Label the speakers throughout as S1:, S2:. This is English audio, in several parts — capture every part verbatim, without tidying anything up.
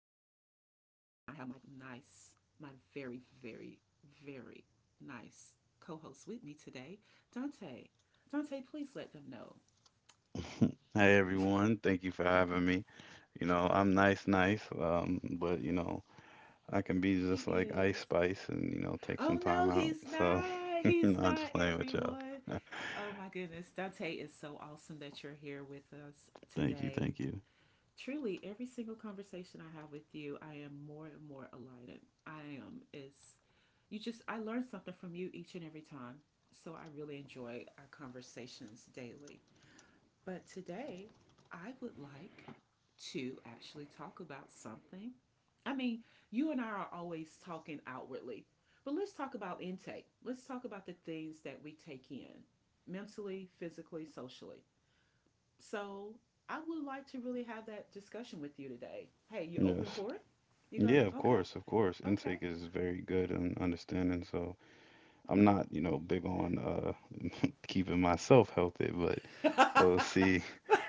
S1: my nice, my very, very, very nice co host with me today, Dante. Dante, please let them know.
S2: Hey everyone, thank you for having me. You know, I'm nice, nice, um, but you know, I can be
S1: He
S2: just like Ice
S1: is.
S2: Spice and you know, take some
S1: Oh
S2: time
S1: no,
S2: out.
S1: he's
S2: So,
S1: not. He's
S2: not just
S1: not,
S2: playing with y'all.
S1: everyone. Oh my goodness. Dante is so awesome that you're here with us
S2: Thank you,
S1: today.
S2: thank you.
S1: Truly every single conversation I have with you, I am more and more enlightened. I am is you just I learn something from you each and every time. So I really enjoy our conversations daily. But today, I would like to actually talk about something. I mean, you and I are always talking outwardly, but let's talk about intake. Let's talk about the things that we take in mentally, physically, socially. So I would like to really have that discussion with you today. Hey, you open
S2: Yes.
S1: for it? You go,
S2: Yeah, of
S1: okay,
S2: course, of course.
S1: okay.
S2: Intake is very good and understanding. So I'm not, you know, big on uh keeping myself healthy, but we'll see.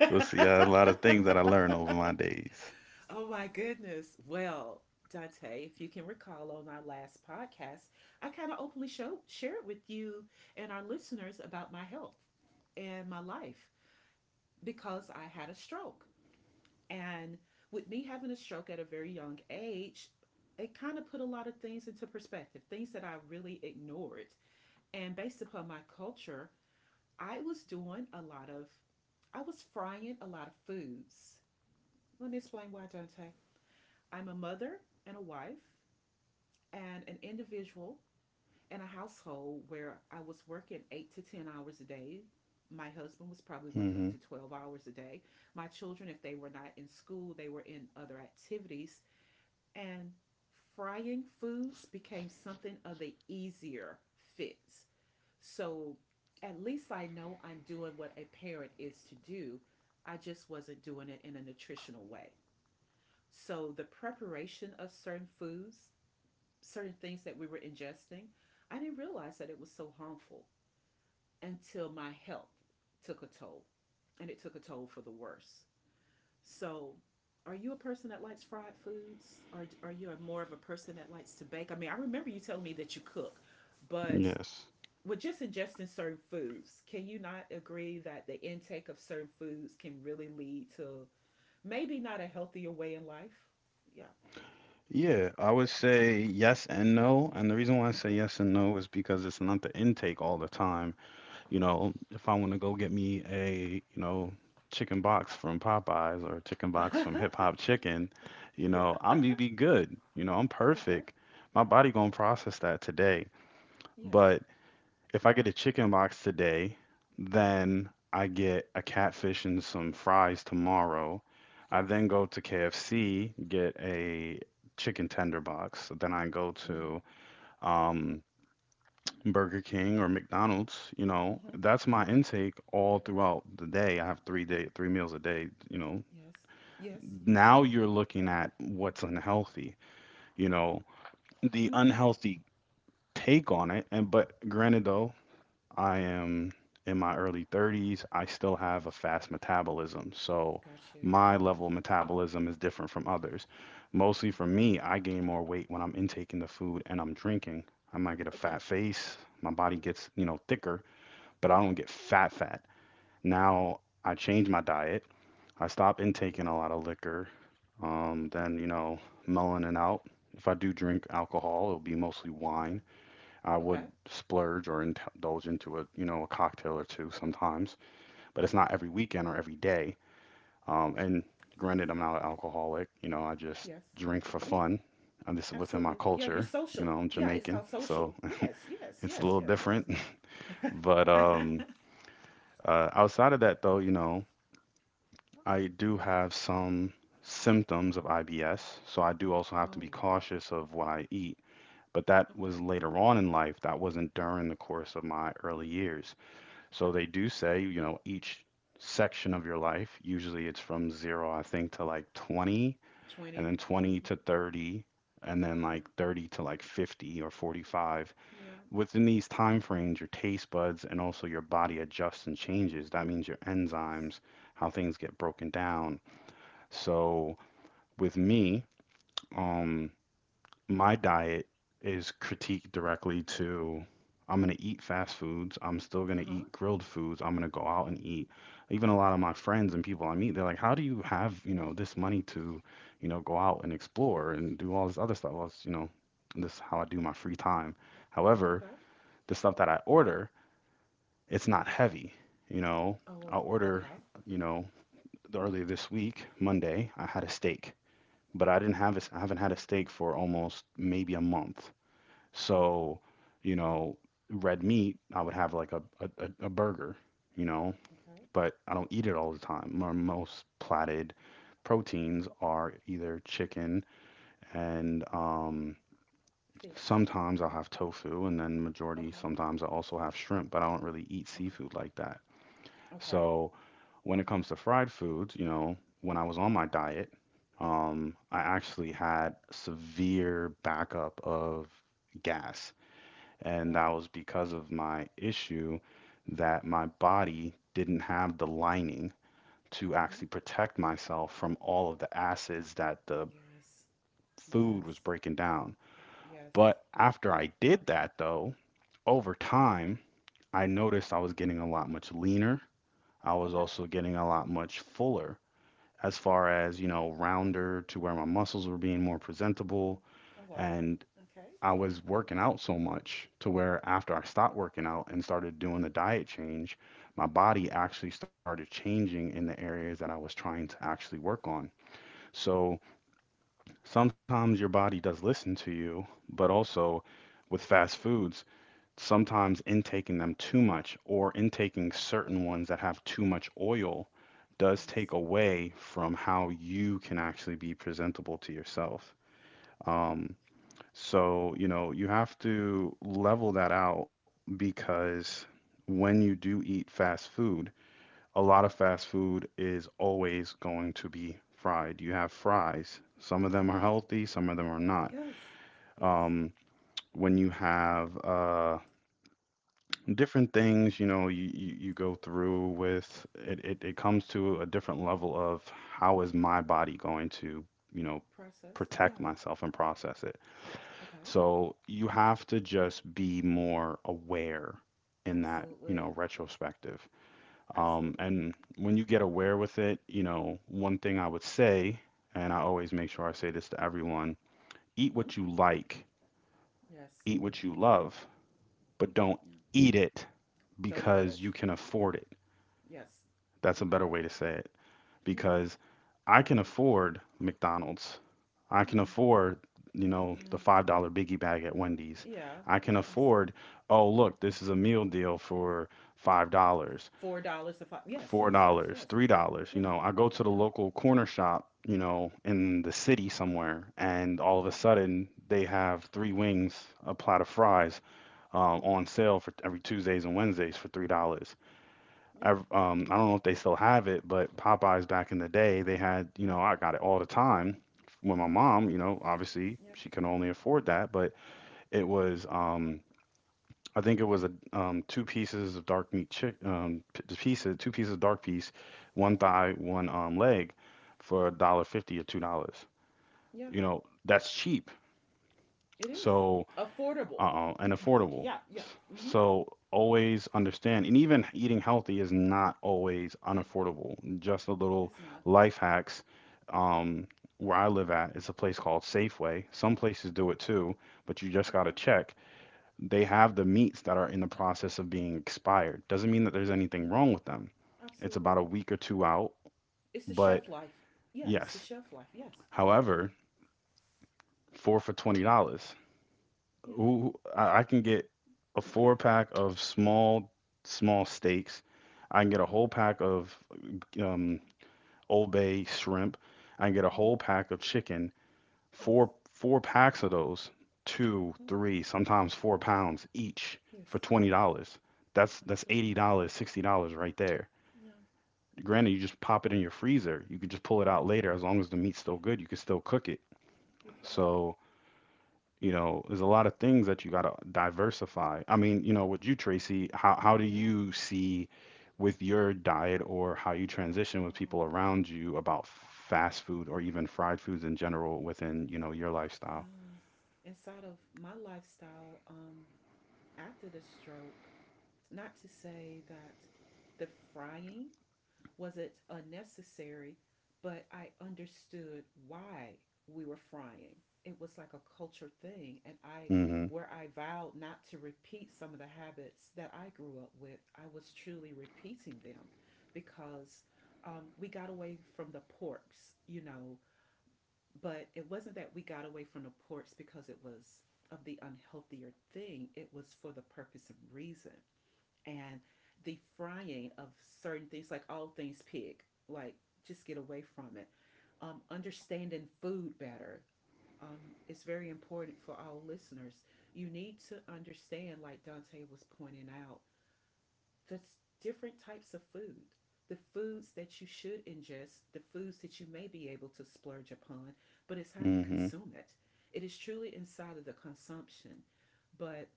S2: We'll see. Uh, a lot of things that I learn over my days.
S1: Oh my goodness. Well, Dante, if you can recall on our last podcast, I kind of openly show, shared with you and our listeners about my health and my life because I had a stroke. And with me having a stroke at a very young age, it kind of put a lot of things into perspective, things that I really ignored. And based upon my culture, I was doing a lot of, I was frying a lot of foods. Let me explain why, Dante. I'm a mother and a wife and an individual in a household where I was working eight to ten hours a day. My husband was probably working up
S2: Mm-hmm.
S1: to twelve hours a day. My children, if they were not in school, they were in other activities. And frying foods became something of the easier fits. So at least I know I'm doing what a parent is to do. I just wasn't doing it in a nutritional way. So the preparation of certain foods, certain things that we were ingesting, I didn't realize that it was so harmful until my health took a toll. And it took a toll for the worse. So, are you a person that likes fried foods, or are you more of a person that likes to bake? I mean, I remember you telling me that you cook, but
S2: Yes.
S1: with just ingesting certain foods, can you not agree that the intake of certain foods can really lead to maybe not a healthier way in life? Yeah.
S2: Yeah, I would say yes and no. And the reason why I say yes and no is because it's not the intake all the time. You know, if I want to go get me a, you know, chicken box from Popeyes or a chicken box
S1: Okay.
S2: from Hip Hop Chicken, you know,
S1: Yeah.
S2: I'm gonna be good. You know, I'm
S1: Okay.
S2: perfect. My body gonna process that today
S1: Yes.
S2: if I get a chicken box today, then I get a catfish and some fries tomorrow. I
S1: Yes.
S2: then go to K F C, get a chicken tender box. So then I go
S1: Ooh.
S2: to um, Burger King or McDonald's. You know,
S1: Mhm.
S2: that's my intake all throughout the day. I have three day, three meals a day. You know,
S1: Yes. Yes. Yes.
S2: now you're looking at what's unhealthy. You
S1: Wow.
S2: know, the
S1: Mhm.
S2: unhealthy take on it. And but granted though, I am in my early thirties. I still
S1: I got
S2: have a
S1: you.
S2: fast metabolism. So
S1: Got you.
S2: my level of metabolism is different from others. Mostly for
S1: Okay.
S2: me, I gain more weight when I'm intaking the food and I'm drinking. I might get a
S1: Okay.
S2: fat face. My body gets, you know, thicker, but I
S1: Okay.
S2: don't get fat fat. Now I change my diet. I stop intaking a lot of liquor. Um,
S1: Okay.
S2: then, you know, mellowing out. If I do drink alcohol, it'll be mostly
S1: Okay.
S2: wine. I
S1: Okay.
S2: would splurge or indulge into a you know a cocktail or two sometimes, but it's not every weekend or every day. Um, and granted, I'm not an alcoholic. You know, I just
S1: Yes.
S2: drink for
S1: Yeah.
S2: fun. And this is within my
S1: Absolutely. Yeah. You're
S2: culture. You
S1: social.
S2: know, I'm
S1: Yeah. It's
S2: Jamaican,
S1: called
S2: so
S1: social. Yes. Yes.
S2: it's a
S1: Yes.
S2: little
S1: Yes.
S2: different. But
S1: Yes.
S2: um, uh, Outside of that, though, you know, I do have some symptoms of I B S, so I do also have to
S1: Oh.
S2: be cautious of what I eat. But that was
S1: Okay.
S2: later on in life. That wasn't during the course of my early years.
S1: Okay.
S2: So they do say, you know, each section of your life, usually it's from zero, I think, to like twenty, and
S1: twenty.
S2: then twenty
S1: Mm-hmm.
S2: to thirty, and then
S1: Yeah.
S2: like thirty to like fifty or forty-five.
S1: Yeah.
S2: Within these time frames, your taste buds and also your body adjusts and changes. That means your
S1: It does.
S2: enzymes, how things get broken down. So with me, um, my diet is critiqued directly to I'm going to eat fast foods. I'm still going
S1: Uh
S2: to
S1: huh.
S2: eat grilled foods. I'm going to go out and eat. Even a lot of my friends and people I meet, they're like, "How do you have, you know, this money to, you know, go out and explore and do all this other stuff?" Well, it's, you know, this is how I do my free time. However,
S1: Okay.
S2: the stuff that I order, it's not heavy. You know,
S1: Oh.
S2: I order,
S1: Okay.
S2: you know, earlier this week, Monday, I had a steak, but I didn't have a, I haven't had a steak for almost maybe a month
S1: Oh, wow.
S2: so, you know, red meat, I would have like a, a, a a burger, you know,
S1: Okay.
S2: but I don't eat it all the time. My most platted proteins are either chicken and
S1: Uh,
S2: um,
S1: fish.
S2: sometimes I'll
S1: Uh,
S2: have tofu, and then majority
S1: Okay.
S2: sometimes I also have shrimp, but I don't really eat
S1: Okay.
S2: seafood like that.
S1: Okay.
S2: So when it comes to fried foods, you know, when I was on my diet, um, I actually had severe backup of gas
S1: Oh
S2: and that
S1: wow.
S2: was because of my issue that my body didn't have the lining to
S1: Mm-hmm.
S2: actually protect myself from all of the acids that the
S1: Yes. Yes.
S2: food was breaking down.
S1: Yes.
S2: But after I did that, though, over time, I noticed I was getting a lot much leaner. I was
S1: Okay.
S2: also getting a lot much fuller as far as, you know, rounder to where my muscles were being more presentable.
S1: Oh what?
S2: And
S1: Okay.
S2: I was working out so much to where after I stopped working out and started doing the diet change, my body actually started changing in the areas that I was trying to actually work on. So sometimes your body does listen to you, but also with fast foods, sometimes intaking them too much or intaking certain ones that have too much oil does
S1: Yes.
S2: take away from how you can actually be presentable to yourself.
S1: You're right.
S2: Um, so, you know, you have to level that out because when you do eat fast food, a lot of fast food is always going to be fried. You have fries.
S1: Yeah.
S2: Some of them are healthy, some of them are not.
S1: Yes. Yes.
S2: Um, when you have uh, different things, you know, you, you, you go through with it, it, it comes to a different level of how is my body going to, you know,
S1: Process. Yeah.
S2: protect myself and process it.
S1: Okay.
S2: So you have to just be more aware in that, you know,
S1: Absolutely.
S2: retrospective. Um,
S1: Absolutely.
S2: and when you get aware with it, you know, one thing I would say, and I always make sure I say this to everyone, eat
S1: Hmm.
S2: what you like,
S1: Yes.
S2: eat what you love, but don't
S1: Yeah.
S2: eat it
S1: Don't
S2: because
S1: indulge.
S2: you can afford it.
S1: Yes.
S2: That's a
S1: Okay.
S2: better way to say it.
S1: Yeah.
S2: Because I can afford McDonald's. I can
S1: Yeah.
S2: afford, you know,
S1: Yeah.
S2: the five dollars biggie bag at Wendy's.
S1: Yeah.
S2: I can
S1: Absolutely.
S2: afford, oh, look, this is a meal deal for $5, dollars,
S1: Four dollars to five. Yes. Yes.
S2: $4,
S1: Yes. Yes.
S2: dollars,
S1: Yeah.
S2: three dollars. You know, I go to
S1: Yeah.
S2: the local corner shop, you know, in the city somewhere, and
S1: Uh
S2: all of
S1: huh.
S2: a sudden they have three wings, a plot of fries uh,
S1: Yeah.
S2: on sale for every Tuesdays and Wednesdays for three dollars.
S1: Yeah.
S2: I um I don't know if they still have it, but Popeyes back in the day, they had, you know, I got it all the time. When my
S1: Hmm.
S2: mom, you know, obviously
S1: Yeah.
S2: she can only afford that, but it was um I think it was a um two pieces of dark meat chick um p- the pieces two pieces of dark piece, one
S1: Yeah.
S2: thigh, one um leg for a dollar fifty or two dollars.
S1: Yeah.
S2: You know, that's cheap.
S1: It is
S2: So
S1: affordable.
S2: uh and affordable.
S1: Yeah. Yeah. Hmm.
S2: So always understand, and even eating healthy is not always unaffordable. Just a little
S1: It's not.
S2: life hacks. Um, where I live at, it's a place called Safeway. Some places do it too, but you just gotta
S1: Okay.
S2: check. They have the meats that are in the process of being expired. Doesn't mean that there's anything
S1: Hmm.
S2: wrong with them. It's
S1: Absolutely.
S2: about a week or two out,
S1: It's the
S2: but
S1: chef life. Yeah. It's the
S2: yes.
S1: chef life. Yes. Yes.
S2: However, four for twenty dollars.
S1: Yeah.
S2: Who I I can get a four pack of small small steaks. I can get
S1: Uh
S2: a
S1: huh.
S2: whole pack of um, Old Bay shrimp. I can get a
S1: Mm-hmm.
S2: whole pack of chicken.
S1: Yes.
S2: Four four packs of those, two,
S1: Mhm.
S2: three, sometimes four pounds each
S1: Yes.
S2: for twenty dollars. That's that's eighty
S1: Absolutely.
S2: dollars, sixty dollars right there.
S1: Yeah.
S2: Granted, you just pop it in your freezer. You can just pull it
S1: Yeah.
S2: out later as long as the meat's still
S1: Yeah.
S2: good. You can still cook it.
S1: You can.
S2: So you know, there's a lot of things that you got to diversify. I mean, you know, with you, Tracy, how how do
S1: Yeah.
S2: you see with your diet or how you transition with people
S1: Wow.
S2: around you about fast food or even fried foods in general within, you know, your lifestyle?
S1: Yeah. Inside of my lifestyle, um, after the stroke, not to say that the frying was it unnecessary, but I understood why we were frying. It was like a culture thing, and I,
S2: Mm-hmm.
S1: where I vowed not to repeat some of the habits that I grew up with, I was truly repeating them, because um, we got away from the porks, you know, but it wasn't that we got away from the porks because it was of the unhealthier thing. It was for the purpose and reason and the frying of certain things, like all things pig, like just get away from it. Um, understanding food better um, is very important for all listeners. You need to understand, like Dante was pointing out, the different types of food, the foods that you should ingest, the foods that you may be able to splurge upon, but it's how you
S2: Mm-hmm.
S1: consume it. It is truly inside of the consumption. But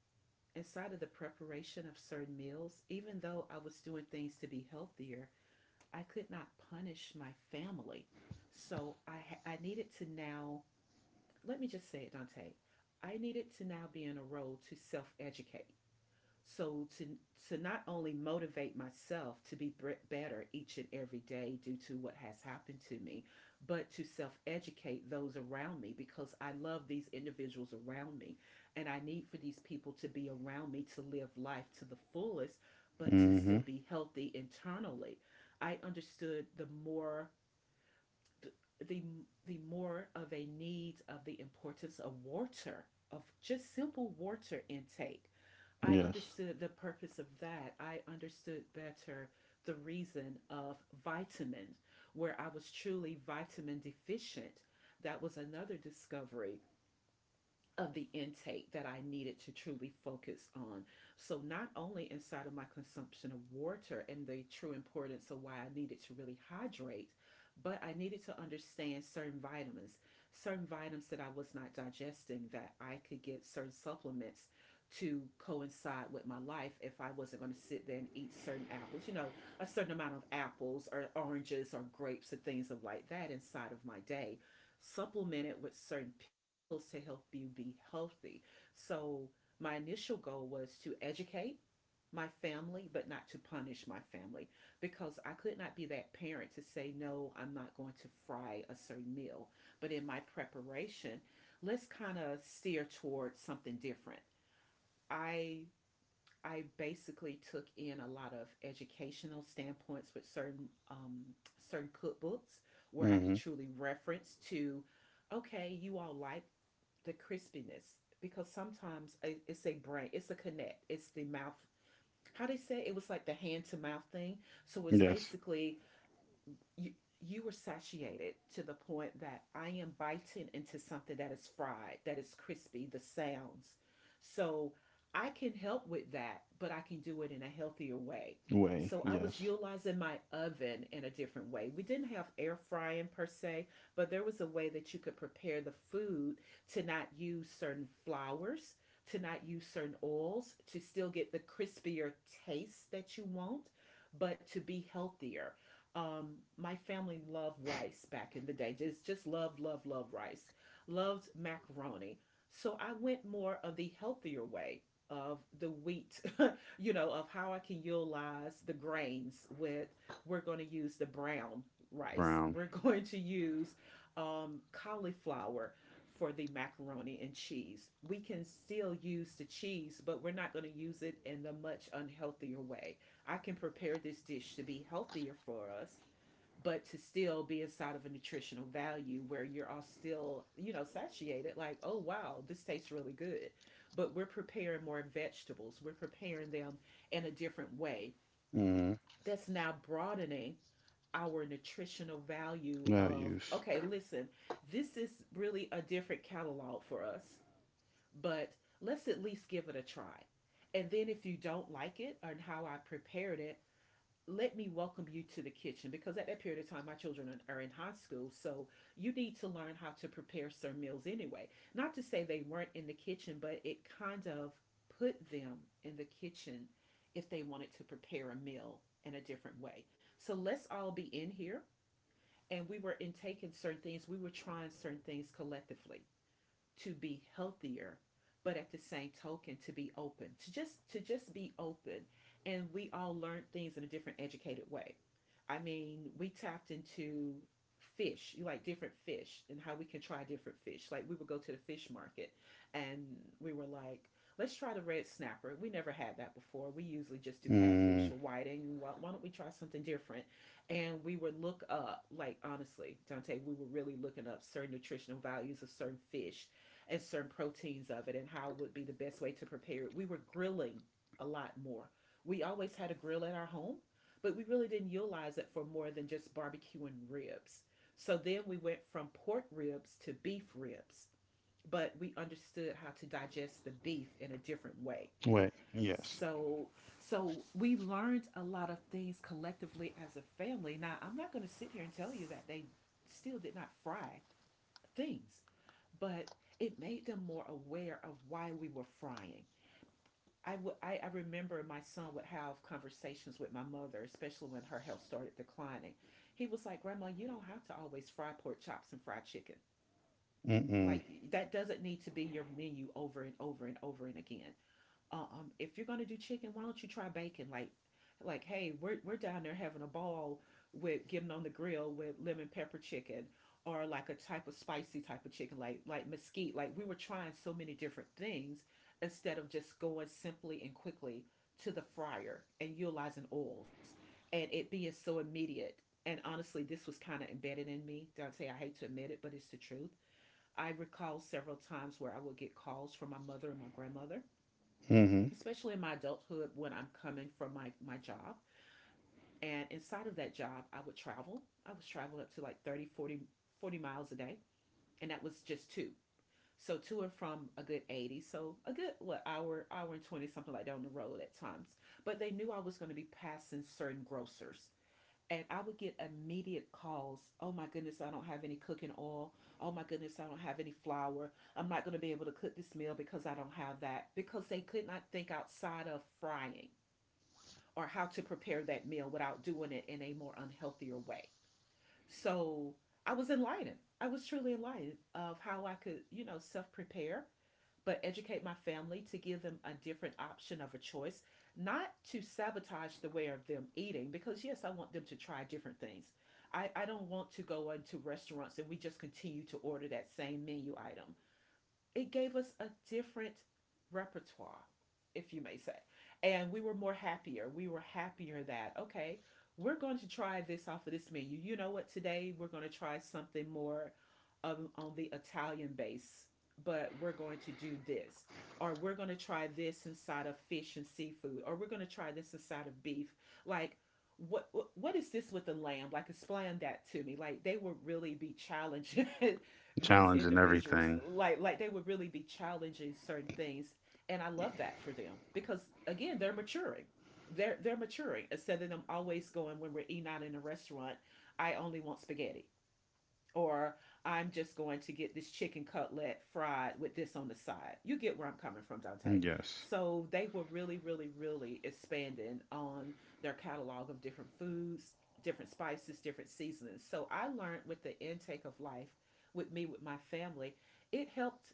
S1: inside of the preparation of certain meals, even though I was doing things to be healthier, I could not punish my family. So I ha- I needed to now, let me just say it, Dante. I needed to now be in a role to self-educate. So to to not only motivate myself to be better each and every day due to what has happened to me, but to self-educate those around me because I love these individuals around me and I need for these people to be around me to live life to the fullest but to
S2: Mm-hmm.
S1: still be healthy internally. I understood the more the the more of a need of the importance of water of just simple water intake. I
S2: Yes.
S1: understood the purpose of that. I understood better the reason of vitamin, where I was truly vitamin deficient. That was another discovery of the intake that I needed to truly focus on. So, not only inside of my consumption of water and the true importance of why I needed to really hydrate, but I needed to understand certain vitamins, certain vitamins that I was not digesting, that I could get certain supplements to coincide with my life if I wasn't going to sit there and eat certain apples, you know, a certain amount of apples or oranges or grapes or things of like that inside of my day supplemented with certain pills to help you be healthy. So my initial goal was to educate my family, but not to punish my family because I could not be that parent to say, no, I'm not going to fry a certain meal. But in my preparation, let's kind of steer towards something different. I I basically took in a lot of educational standpoints with certain um, certain cookbooks where I could
S2: Mm-hmm.
S1: truly reference to, okay, you all like the crispiness because sometimes it's a brain, it's a connect, it's the mouth. How they say it, it was like the hand to mouth thing. So it's
S2: Yes.
S1: basically you you were satiated to the point that I am biting into something that is fried, that is crispy, the sounds. So I can help with that, but I can do it in a healthier way.
S2: Way.
S1: So I was
S2: Yes.
S1: utilizing my oven in a different way. We didn't have air frying per se, but there was a way that you could prepare the food to not use certain flours, to not use certain oils, to still get the crispier taste that you want, but to be healthier. Um, my family loved rice back in the day. Just just loved, loved, loved rice. Loved macaroni. So I went more of the healthier way of the wheat, you know, of how I can utilize the grains with we're going to use the brown rice.
S2: Brown.
S1: We're going to use um, cauliflower for the macaroni and cheese. We can still use the cheese, but we're not going to use it in the much unhealthier way. I can prepare this dish to be healthier for us, but to still be inside of a nutritional value where you're all still, you know, satiated, like, oh, wow, this tastes really good. But we're preparing more vegetables, we're preparing them in a different way.
S2: Mm-hmm.
S1: That's now broadening our nutritional value of,
S2: Values.
S1: okay, listen, this is really a different catalog for us, but let's at least give it a try. And then if you don't like it and how I prepared it, let me welcome you to the kitchen because at that period of time my children are in high school, so you need to learn how to prepare certain meals anyway, not to say they weren't in the kitchen but it kind of put them in the kitchen if they wanted to prepare a meal in a different way. So let's all be in here, and we were intaking certain things, we were trying certain things collectively to be healthier but at the same token to be open, to just to just be open, and we all learned things in a different educated way. I mean we tapped into fish, you like different fish and how we can try different fish, like we would go to the fish market and we were like, let's try the red snapper. We never had that before. We usually just do catfish
S2: Mm.
S1: or whiting. Why, why don't we try something different? And we would look up, like honestly Dante, we were really looking up certain nutritional values of certain fish and certain proteins of it and how would be the best way to prepare it. We were grilling a lot more. We always had a grill at our home, but we really didn't utilize it for more than just barbecue and ribs. So then we went from pork ribs to beef ribs, but we understood how to digest the beef in a different way.
S2: Way. Yes.
S1: So so we learned a lot of things collectively as a family. Now, I'm not going to sit here and tell you that they still did not fry things, but it made them more aware of why we were frying. I, w- I, I remember my son would have conversations with my mother, especially when her health started declining. He was like, Grandma, you don't have to always fry pork chops and fried chicken.
S2: Mm-mm.
S1: Like, that doesn't need to be your menu over and over and over and again. Um, if you're gonna do chicken, why don't you try bacon? Like, like, hey, we're we're down there having a ball with getting on the grill with lemon pepper chicken, or like a type of spicy type of chicken, like like mesquite. Like we were trying so many different things instead of just going simply and quickly to the fryer and utilizing oils and it being so immediate. And honestly, this was kind of embedded in me. Dante, I hate to admit it, but it's the truth. I recall several times where I would get calls from my mother and my grandmother,
S2: Mm-hmm.
S1: especially in my adulthood when I'm coming from my, my job. And inside of that job, I would travel. I was traveling up to like thirty, forty, forty miles a day. And that was just two. So to and from a good eighty. So a good, what, hour, hour and twenty, something like that on the road at times. But they knew I was going to be passing certain grocers. And I would get immediate calls. Oh my goodness, I don't have any cooking oil. Oh my goodness, I don't have any flour. I'm not going to be able to cook this meal because I don't have that. Because they could not think outside of frying or how to prepare that meal without doing it in a more unhealthier way. So I was enlightened. I was truly enlightened of how I could, you know, self prepare, but educate my family to give them a different option of a choice, not to sabotage the way of them eating, because yes, I want them to try different things. I, I don't want to go into restaurants and we just continue to order that same menu item. It gave us a different repertoire, if you may say. And we were more happier. We were happier that, okay, we're going to try this off of this menu. You know what? Today we're going to try something more, um, on the Italian base, but we're going to do this. Or we're going to try this inside of fish and seafood. Or we're going to try this inside of beef. Like, what, what what is this with the lamb? Like explain that to me. Like they would really be challenging these
S2: Challenging
S1: individuals,
S2: everything.
S1: like like they would really be challenging certain things. And I love that for them, because again, they're maturing. They're they're maturing instead of them always going, when we're eating out in a restaurant, I only want spaghetti, or I'm just going to get this chicken cutlet fried with this on the side. You get where I'm coming from, Dante.
S2: Yes.
S1: So they were really, really, really expanding on their catalog of different foods, different spices, different seasonings. So I learned with the intake of life, with me with my family, it helped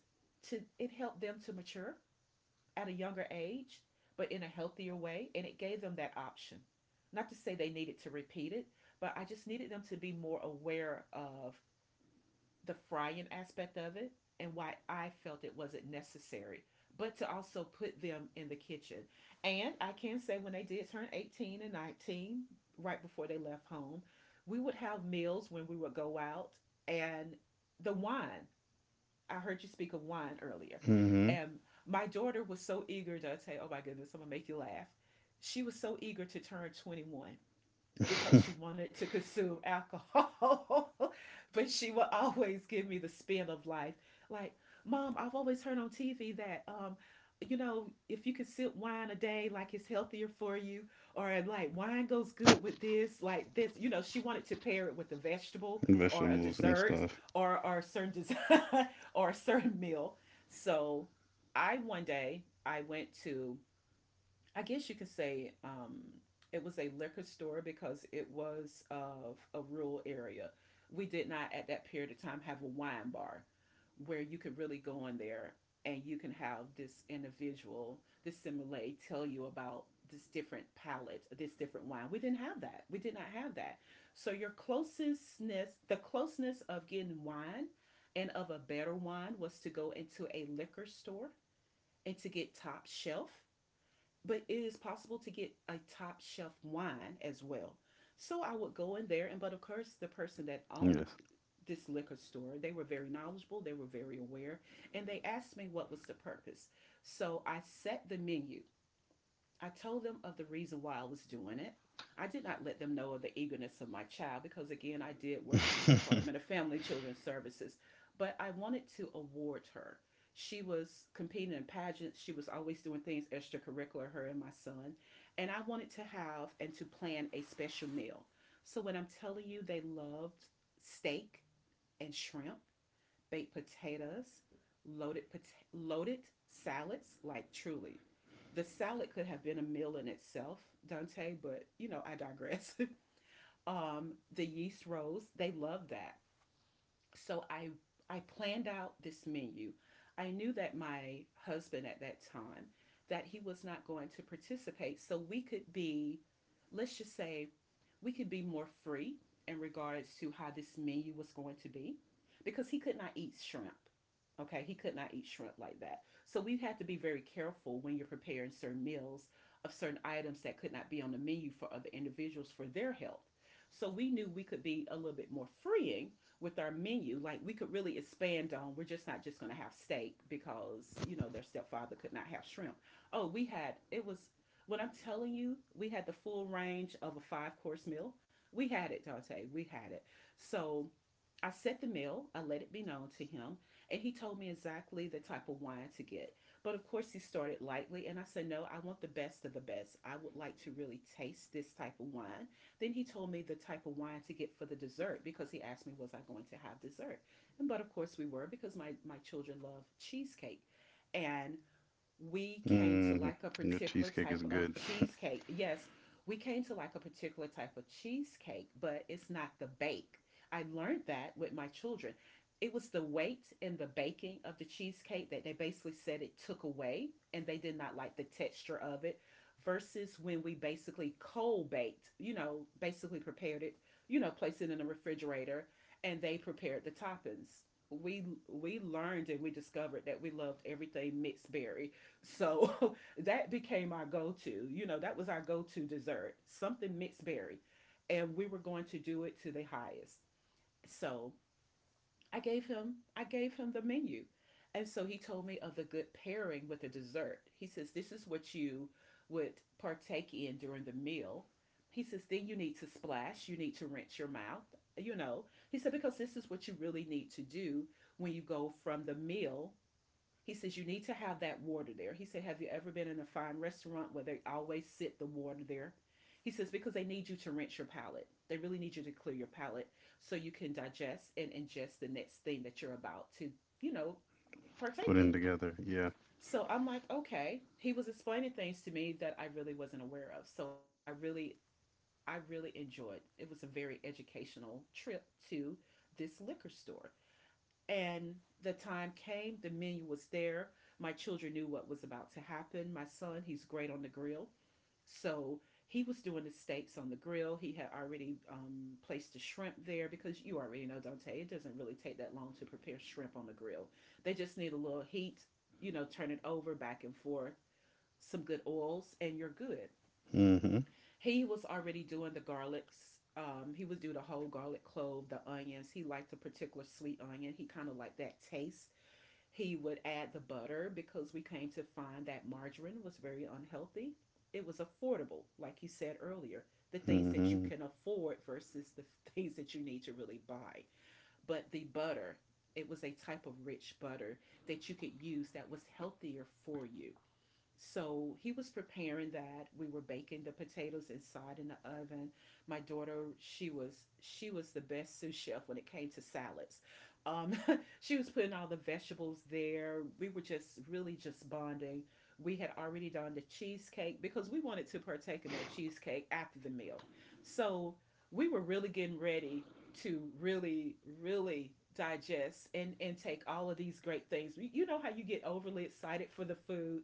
S1: to it helped them to mature at a younger age, but in a healthier way, and it gave them that option. Not to say they needed to repeat it, but I just needed them to be more aware of the frying aspect of it and why I felt it wasn't necessary, but to also put them in the kitchen. And I can say when they did turn eighteen and nineteen, right before they left home, we would have meals when we would go out. And the wine. I heard you speak of wine earlier.
S2: Mm-hmm.
S1: And my daughter was so eager, Dante. Oh my goodness, I'm gonna make you laugh. She was so eager to turn twenty-one because she wanted to consume alcohol. But she would always give me the spin of life. Like, Mom, I've always heard on T V that, um, you know, if you could sip wine a day, like it's healthier for you, or like wine goes good with this, like this. You know, she wanted to pair it with a vegetable or a
S2: Vegetables and
S1: dessert,
S2: stuff.
S1: or, or a certain dessert, or a certain meal. So I one day I went to, I guess you could say, um, it was a liquor store because it was of a rural area. We did not at that period of time have a wine bar where you could really go in there and you can have this individual, this sommelier, tell you about this different palate, this different wine. We didn't have that. We did not have that. So your closeness, the closeness of getting wine and of a better wine was to go into a liquor store and to get top shelf, but it is possible to get a top shelf wine as well. So I would go in there, and but of course, the person that owned
S2: Yes.
S1: this liquor store, they were very knowledgeable, they were very aware, and they asked me what was the purpose. So I set the menu. I told them of the reason why I was doing it. I did not let them know of the eagerness of my child because, again, I did work for the Department of Family and Children's Services, but I wanted to award her. She was competing in pageants. She was always doing things extracurricular, her and my son. And I wanted to have and to plan a special meal. So when I'm telling you, they loved steak and shrimp, baked potatoes, loaded pot- loaded salads, like truly. The salad could have been a meal in itself, Dante, but you know, I digress. Um, the yeast rolls, they love that. So I I planned out this menu. I knew that my husband at that time, that he was not going to participate, so we could be, let's just say, we could be more free in regards to how this menu was going to be, because he could not eat shrimp. Okay, he could not eat shrimp like that. So we had to be very careful when you're preparing certain meals of certain items that could not be on the menu for other individuals for their health. So we knew we could be a little bit more freeing with our menu, like we could really expand on. We're just not just going to have steak because, you know, their stepfather could not have shrimp. Oh, we had, it was, when I'm telling you, we had the full range of a five course meal. We had it, Dante. We had it. So I set the meal, I let it be known to him, and he told me exactly the type of wine to get. But of course, he started lightly, and I said, No, I want the best of the best. I would like to really taste this type of wine. Then he told me the type of wine to get for the dessert because he asked me, Was I going to have dessert? And but of course, we were, because my, my children love cheesecake. And we came to
S2: Mm,
S1: like a
S2: your
S1: particular
S2: cheesecake is
S1: type of
S2: good.
S1: cheesecake. Yes, we came to like a particular type of cheesecake, but it's not the bake. I learned that with my children. It was the weight and the baking of the cheesecake that they basically said it took away and they did not like the texture of it versus when we basically cold baked, you know, basically prepared it, you know, placed it in the refrigerator and they prepared the toppings. We we learned and we discovered that we loved everything mixed berry. So that became our go to. You know, that was our go to dessert, something mixed berry. And we were going to do it to the highest. So I gave him I gave him the menu. And so he told me of the good pairing with the dessert. He says, This is what you would partake in during the meal. He says, Then you need to splash, you need to rinse your mouth, you know. He said, Because this is what you really need to do when you go from the meal, he says, you need to have that water there. He said, Have you ever been in a fine restaurant where they always sit the water there? He says, Because they need you to rinse your palate. They really need you to clear your palate so you can digest and ingest the next thing that you're about to, you know,
S2: Put
S1: partake
S2: in
S1: in.
S2: together. Yeah.
S1: So I'm like, okay. He was explaining things to me that I really wasn't aware of. So I really, I really enjoyed. It was a very educational trip to this liquor store. And the time came, the menu was there. My children knew what was about to happen. My son, he's great on the grill. So he was doing the steaks on the grill. He had already um, placed the shrimp there because you already know, Dante, it doesn't really take that long to prepare shrimp on the grill. They just need a little heat, you know, turn it over back and forth, some good oils, and you're good.
S2: Mm-hmm.
S1: He was already doing the garlics. Um, he was doing the whole garlic clove, the onions. He liked a particular sweet onion. He kind of liked that taste. He would add the butter because we came to find that margarine was very unhealthy. It was affordable, like you said earlier, the things that you
S2: Mm-hmm.
S1: can afford versus the things that you need to really buy. But the butter, it was a type of rich butter that you could use that was healthier for you. So he was preparing that. We were baking the potatoes inside in the oven. My daughter, she was she was the best sous chef when it came to salads. Um, she was putting all the vegetables there. We were just really just bonding. We had already done the cheesecake because we wanted to partake in that cheesecake after the meal. So we were really getting ready to really, really digest and, and take all of these great things. You you know how you get overly excited for the food,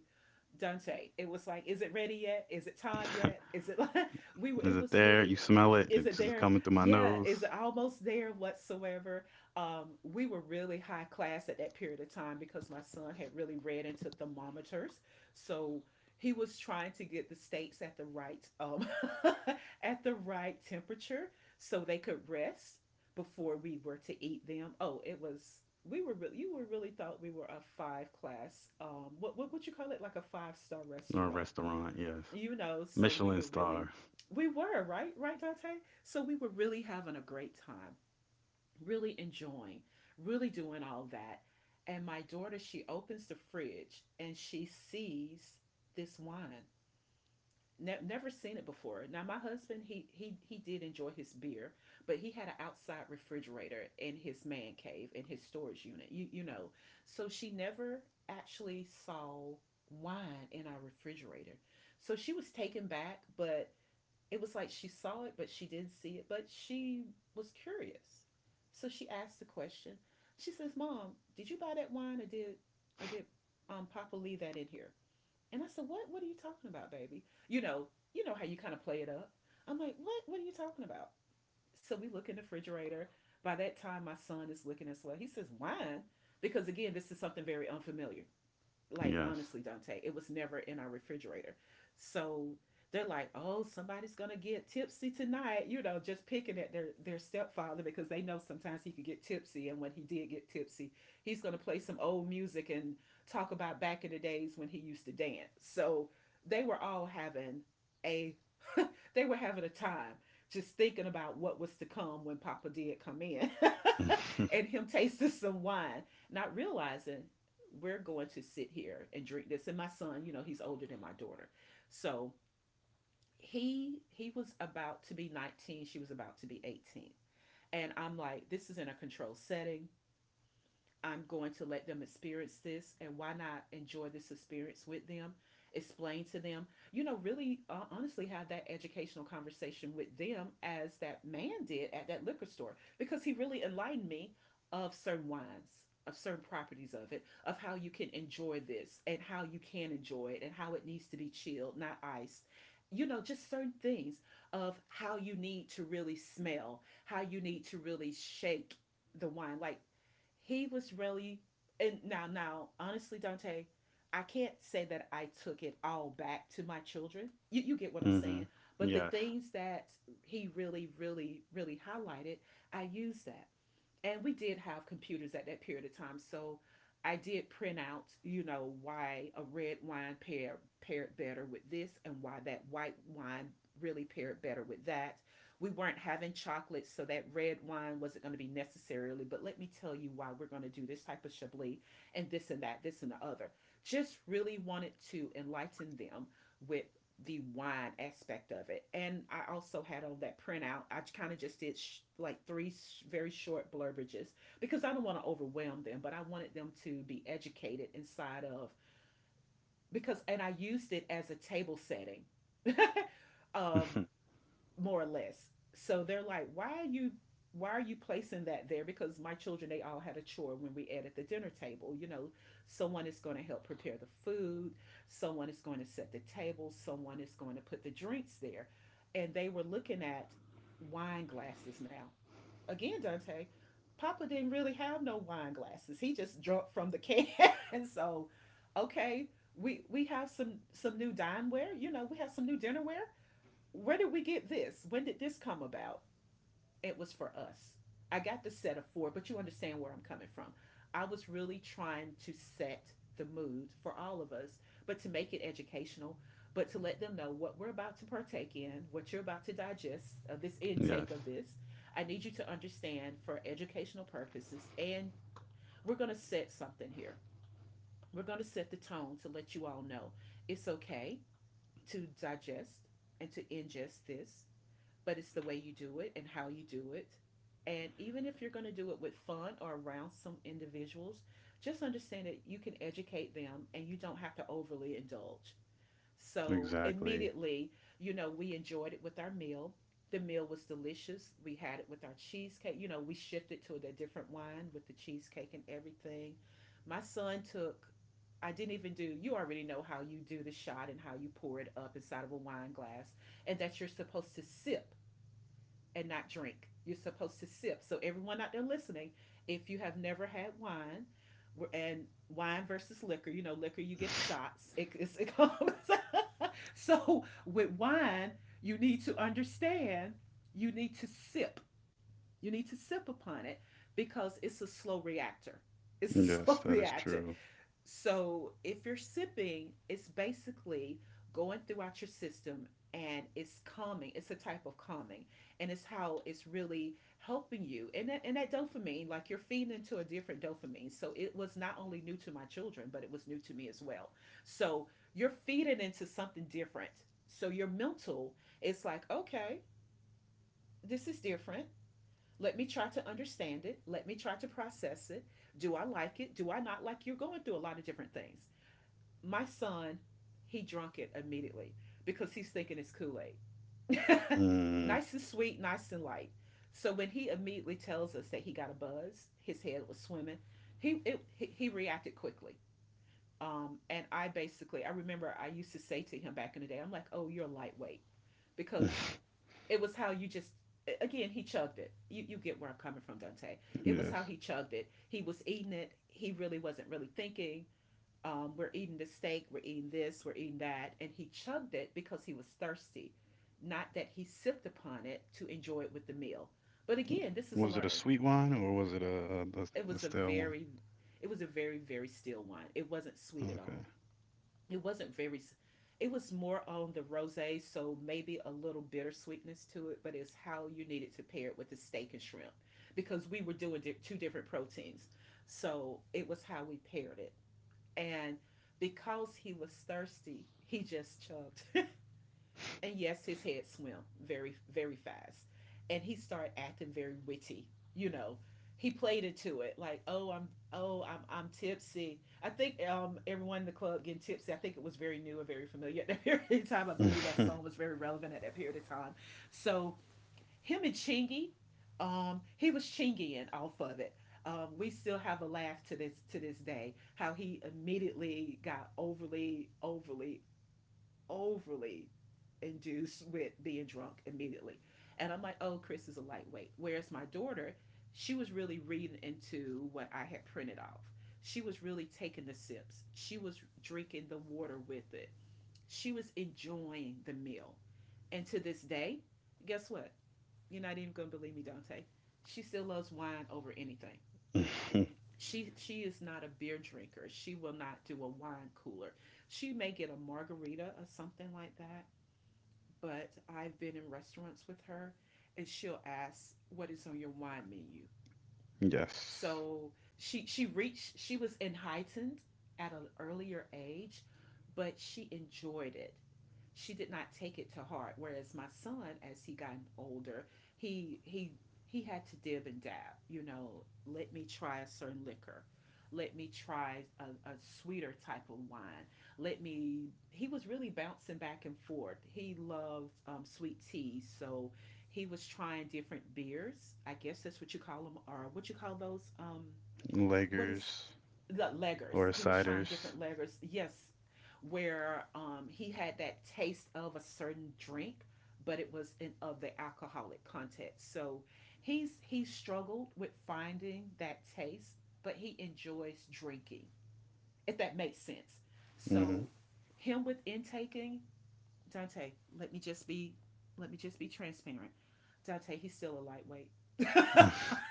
S1: Dunce. It was like, is it ready yet? Is it time yet? Is it like we were?
S2: Is
S1: It
S2: it
S1: was
S2: there?
S1: really,
S2: You smell it?
S1: is it
S2: It's just
S1: there?
S2: coming through my
S1: Yeah, is
S2: nose.
S1: it almost there whatsoever? Um, we were really high class at that period of time because my son had really read into thermometers. So he was trying to get the steaks at the right um, at the right temperature so they could rest before we were to eat them. Oh, it was, we were really, you were really thought we were a five class um what what would you call it, like a five star
S2: No
S1: restaurant,
S2: restaurant. Yes.
S1: you know, so we
S2: Michelin
S1: were really,
S2: star.
S1: we were, right? Right, Dante? So we were really having a great time, really enjoying, really doing all that. And my daughter, she opens the fridge and she sees this wine. Ne- never seen it before. Now my husband, he he he did enjoy his beer, but he had an outside refrigerator in his man cave in his storage unit. You you know, so she never actually saw wine in our refrigerator. So she was taken back, but it was like she saw it, but she didn't see it. But she was curious, so she asked the question. She says, "Mom, did you buy that wine, or did or did um Papa leave that in here?" And I said, "What? What are you talking about, baby? You know, you know how you kind of play it up." I'm like, "What? What are you talking about?" So we look in the refrigerator. By that time, my son is looking as well. He says, "Wine," because again, this is something very unfamiliar, like
S2: Yes.
S1: honestly, Dante, it was never in our refrigerator. So they're like, oh, somebody's gonna get tipsy tonight, you know, just picking at their their stepfather because they know sometimes he could get tipsy, and when he did get tipsy, he's gonna play some old music and talk about back in the days when he used to dance. So they were all having a they were having a time, just thinking about what was to come when Papa did come in,
S2: Mm-hmm.
S1: and him tasting some wine, not realizing we're going to sit here and drink this. And my son, you know, he's older than my daughter. So he he was about to be nineteen, she was about to be eighteen. And I'm like, this is in a controlled setting. I'm going to let them experience this, and why not enjoy this experience with them? Explain to them, you know, really uh, honestly have that educational conversation with them as that man did at that liquor store, because he really enlightened me of certain wines, of certain properties of it, of how you can enjoy this and how you can enjoy it and how it needs to be chilled, not iced. You know, just certain things of how you need to really smell, how you need to really shake the wine. Like, he was really, and now now honestly, Dante, I can't say that I took it all back to my children you, you get what I'm saying, but the
S2: Yes.
S1: things that he really really really highlighted, I used that. And we did have computers at that period of time, so I did print out, you know, why a red wine pair paired better with this and why that white wine really paired better with that. We weren't having chocolate, so that red wine wasn't going to be necessarily, but let me tell you why we're going to do this type of Chablis and this and that, this and the other. Just really wanted to enlighten them with the wine aspect of it. And I also had on that printout, I kind of just did sh- like three sh- very short blurbages, because I don't want to overwhelm them, but I wanted them to be educated inside of, because, and I used it as a table setting. Um, more or less. So they're like, why are you why are you placing that there? Because my children, they all had a chore when we ate at the dinner table. You know, someone is going to help prepare the food, someone is going to set the table, someone is going to put the drinks there. And they were looking at wine glasses now. Again, Dante, Papa didn't really have no wine glasses. He just drunk from the can. And so, okay, we we have some some new dineware. You know, we have some new dinnerware. Where did we get this? When did this come about? It was for us. I got the set of four, but you understand where I'm coming from. I was really trying to set the mood for all of us, but to make it educational, but to let them know what we're about to partake in, what you're about to digest of this
S2: Yes.
S1: intake of this. I need you to understand for educational purposes, and we're going to set something here. We're going to set the tone to let you all know it's okay to digest and to ingest this, but it's the way you do it and how you do it. And even if you're going to do it with fun or around some individuals, just understand that you can educate them and you don't have to overly indulge. So,
S2: Exactly.
S1: immediately, you know, we enjoyed it with our meal. The meal was delicious. We had it with our cheesecake. You know, we shifted to the different wine with the cheesecake and everything. My son took, I didn't even do, you already know how you do the shot and how you pour it up inside of a wine glass, and that you're supposed to sip and not drink. You're supposed to sip. So everyone out there listening, if you have never had wine, and wine versus liquor, you know, liquor you get shots. It, it's, it comes. So with wine, you need to understand. You need to sip. You need to sip upon it because it's a slow reactor. It's a
S2: Yes,
S1: slow
S2: that is
S1: reactor.
S2: true.
S1: So if you're sipping, it's basically going throughout your system and it's calming. It's a type of calming, and it's how it's really helping you. And that and that dopamine, like you're feeding into a different dopamine. So it was not only new to my children, but it was new to me as well. So you're feeding into something different. So your mental is like, okay, this is different. Let me try to understand it. Let me try to process it. Do I like it? Do I not like? You're going through a lot of different things. My son, he drunk it immediately because he's thinking it's Kool Aid.
S2: Mm.
S1: Nice and sweet, nice and light. So when he immediately tells us that he got a buzz, his head was swimming, he it, he, he reacted quickly. Um, and I basically, I remember I used to say to him back in the day, I'm like, oh, you're lightweight. Because it was how you just, again, he chugged it. You, you get where I'm coming from, Dante. It was how
S2: Yes.
S1: he chugged it. He was eating it. He really wasn't really thinking um, we're eating the steak, we're eating this, we're eating that. And he chugged it because he was thirsty, not that he sipped upon it to enjoy it with the meal. But again, this is a
S2: Was it a
S1: learning.
S2: sweet wine or was it a, a,
S1: It
S2: a a
S1: was a
S2: stale one?
S1: very, it was a very, very still wine. It wasn't sweet at all. It wasn't very, it was more on the rosé, so maybe a little bittersweetness to it, but it's how you needed to pair it with the steak and shrimp because we were doing two different proteins. So it was how we paired it. And because he was thirsty, he just chugged. And yes, his head swam very, very fast. And he started acting very witty, you know. He played it to it like, oh, I'm, oh, I'm, I'm tipsy. I think um, everyone in the club getting tipsy. I think it was very new and very familiar at that period of time. I believe that
S2: Okay.
S1: song was very relevant at that period of time. So him and Chingy, um, he was Chingying off of it. Um, we still have a laugh to this to this day. How he immediately got overly, overly, overly induced with being drunk immediately. And I'm like, oh, Chris is a lightweight. Whereas my daughter, she was really reading into what I had printed off. She was really taking the sips. She was drinking the water with it. She was enjoying the meal. And to this day, guess what? You're not even going to believe me, Dante. She still loves wine over anything.
S2: Mhm.
S1: She she is not a beer drinker. She will not do a wine cooler. She may get a margarita or something like that, but I've been in restaurants with her and she'll ask what is on your wine menu.
S2: Yes.
S1: So she she reached she was enlightened at an earlier age, but she enjoyed it she did not take it to heart. Whereas my son, as he got older, he he he had to dib and dab. You know, let me try a certain liquor. Let me try a, a sweeter type of wine. Let me. He was really bouncing back and forth. He loved um, sweet tea, so he was trying different beers. I guess that's what you call them, or what you call those. Um, what is
S2: Leggers
S1: the leggers.
S2: or
S1: He was trying
S2: ciders.
S1: different leggers. Yes, where um, he had that taste of a certain drink, but it was in of the alcoholic context. So he's he struggled with finding that taste, but he enjoys drinking. If that makes sense.
S2: Hmm
S1: So him with intaking Dante. Let me just be Let me just be transparent. Dante, he's still a lightweight.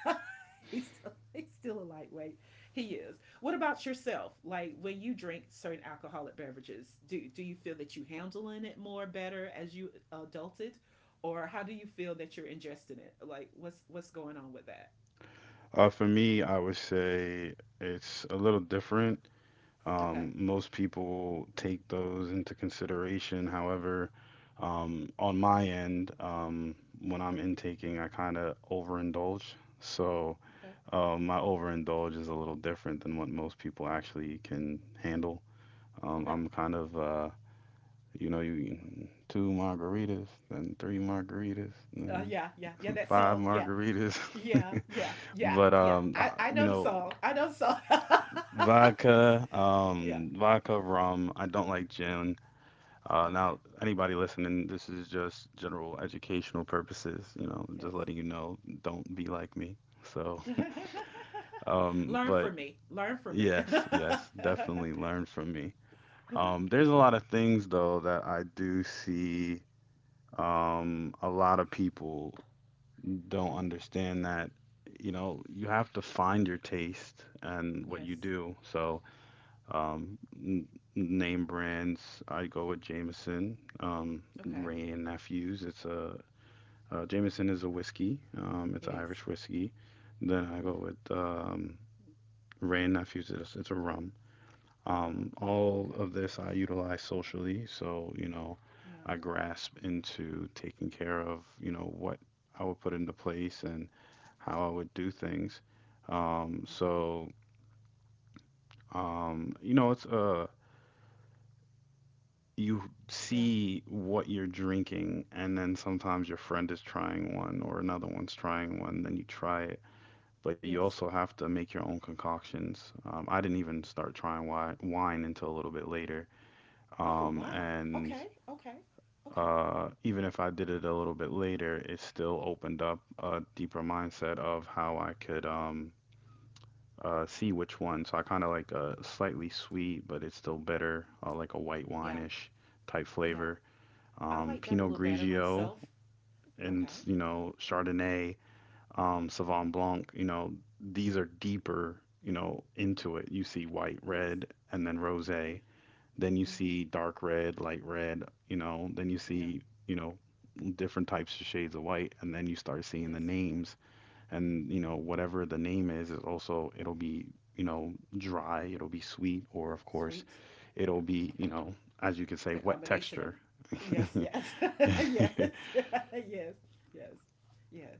S1: he's still He's still a lightweight. He is. What about yourself? Like when you drink certain alcoholic beverages, do do you feel that you handling it more better as you adulted, or how do you feel that you're ingesting it? Like what's what's going on with that?
S2: Uh, for me, I would say it's a little different.
S1: Okay,
S2: Um, most people take those into consideration. However, um, on my end, um, when I'm intaking, I kind of overindulge. So,
S1: okay,
S2: uh, my overindulge is a little different than what most people actually can handle. Um,
S1: okay.
S2: I'm kind of uh, you know, you two margaritas, then three margaritas,
S1: Uh,
S2: and
S1: yeah, yeah, yeah.
S2: then
S1: That
S2: five
S1: song. Yeah,
S2: margaritas.
S1: yeah, yeah, yeah,
S2: But
S1: yeah.
S2: um,
S1: I
S2: uh,
S1: I
S2: You
S1: know the
S2: know,
S1: song. I know the song.
S2: vodka,
S1: Yeah.
S2: um, vodka, rum. I don't like gin. Uh,
S1: Okay.
S2: now, anybody listening, this is just general educational purposes. You know, just
S1: Yes.
S2: letting you know, don't be like me. So, um,
S1: Learn
S2: but
S1: from me. Learn from me.
S2: yes, yes, definitely learn from me. Um, there's a lot of things though that I do see um a lot of people don't understand that you know you have to find your taste and what you
S1: Yes.
S2: do. So um n- name brands, I go with Jameson, um
S1: Okay.
S2: Ray and Nephews. It's a uh, Jameson is a whiskey, um it's
S1: It
S2: an
S1: is.
S2: Irish whiskey. Then I
S1: Mm-hmm.
S2: go with um Ray and Nephews. It's, it's a rum.
S1: Wrong.
S2: um,
S1: Yeah.
S2: all
S1: Okay.
S2: of this I utilize socially, so you know,
S1: Yeah.
S2: I grasp into taking care of, you know, what I would put into place and how I would do things. Um,
S1: Okay.
S2: so um, you know, it's uh You
S1: Yeah.
S2: see what you're drinking, and then sometimes your friend is trying one or another one's trying one, then you try it. But you
S1: Yes.
S2: also have to make your own concoctions. Um, I didn't even start trying wi- wine until a little bit later.
S1: Oh
S2: Um,
S1: wow.
S2: and
S1: Okay. Okay. Okay.
S2: uh, Even if I did it a little bit later, it still opened up a deeper mindset of how I could um, uh, see which one. So I kind of like a slightly sweet, but it's still better, uh, like a white
S1: Yeah.
S2: wine-ish type
S1: Yeah.
S2: flavor.
S1: I
S2: Um,
S1: like that a
S2: Pinot
S1: little better
S2: Grigio,
S1: myself.
S2: and
S1: Okay.
S2: you know, Chardonnay, um,
S1: Mm-hmm.
S2: Sauvignon Blanc. You know, these are deeper, you know, into it. You see white,
S1: Yes.
S2: red, and then
S1: Yeah.
S2: rosé. Then you
S1: Mm-hmm.
S2: see dark red, light red, you know, then you
S1: Yeah.
S2: see, you know, different types of shades of white, and then you start seeing the
S1: Yes.
S2: names. And, you
S1: Yeah.
S2: know, whatever the name is, is also, it'll be, you know, dry, it'll be sweet, or
S1: Yeah.
S2: of course,
S1: Sweet.
S2: it'll be,
S1: Yeah.
S2: you know, as you could say,
S1: The
S2: wet
S1: combination of
S2: texture.
S1: yes, yes, yes, yes, yes, yes.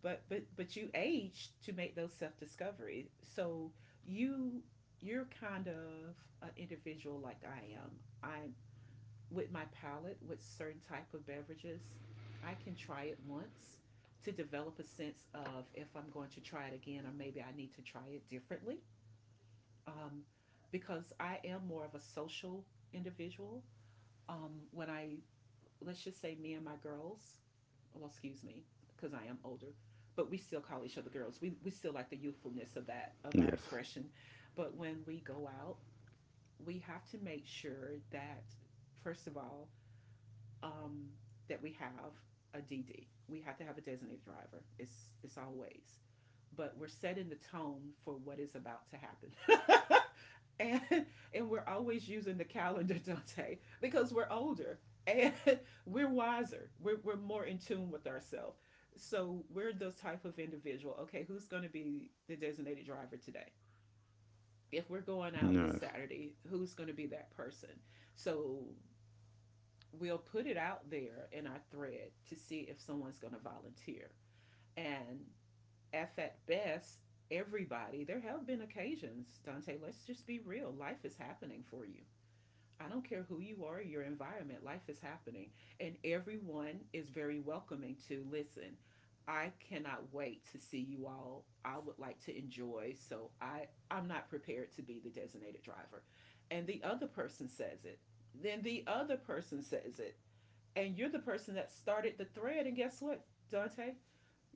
S1: but but but you age to make those self discoveries. So you you're kind of an individual like I am. I'm with my palate with certain type of beverages. I can try it once to develop a sense of if I'm going to try it again or maybe I need to try it differently. Um, because I am more of a social individual. Um, when I let's just say me and my girls well, excuse me, because I am older, but we still call each other girls. We, we still like the youthfulness of that, of our
S2: Yes.
S1: expression. But when we go out, we have to make sure that, first of all, um, that we have a D D. We have to have a designated driver. It's, it's always. But we're setting the tone for what is about to happen. and and we're always using the calendar Dante because we're older and we're wiser we're, we're more in tune with ourselves so we're the type of individual okay who's going to be the designated driver today if we're going out this
S2: Yes.
S1: Saturday who's going to be that person so we'll put it out there in our thread to see if someone's going to volunteer and if at best everybody there have been occasions Dante let's just be real life is happening for you. I don't care who you are, your environment, life is happening. And everyone is very welcoming to listen. I cannot wait to see you all. I would like to enjoy, so I, I'm not prepared to be the designated driver. And the other person says it. Then the other person says it. And you're the person that started the thread. And guess what, Dante?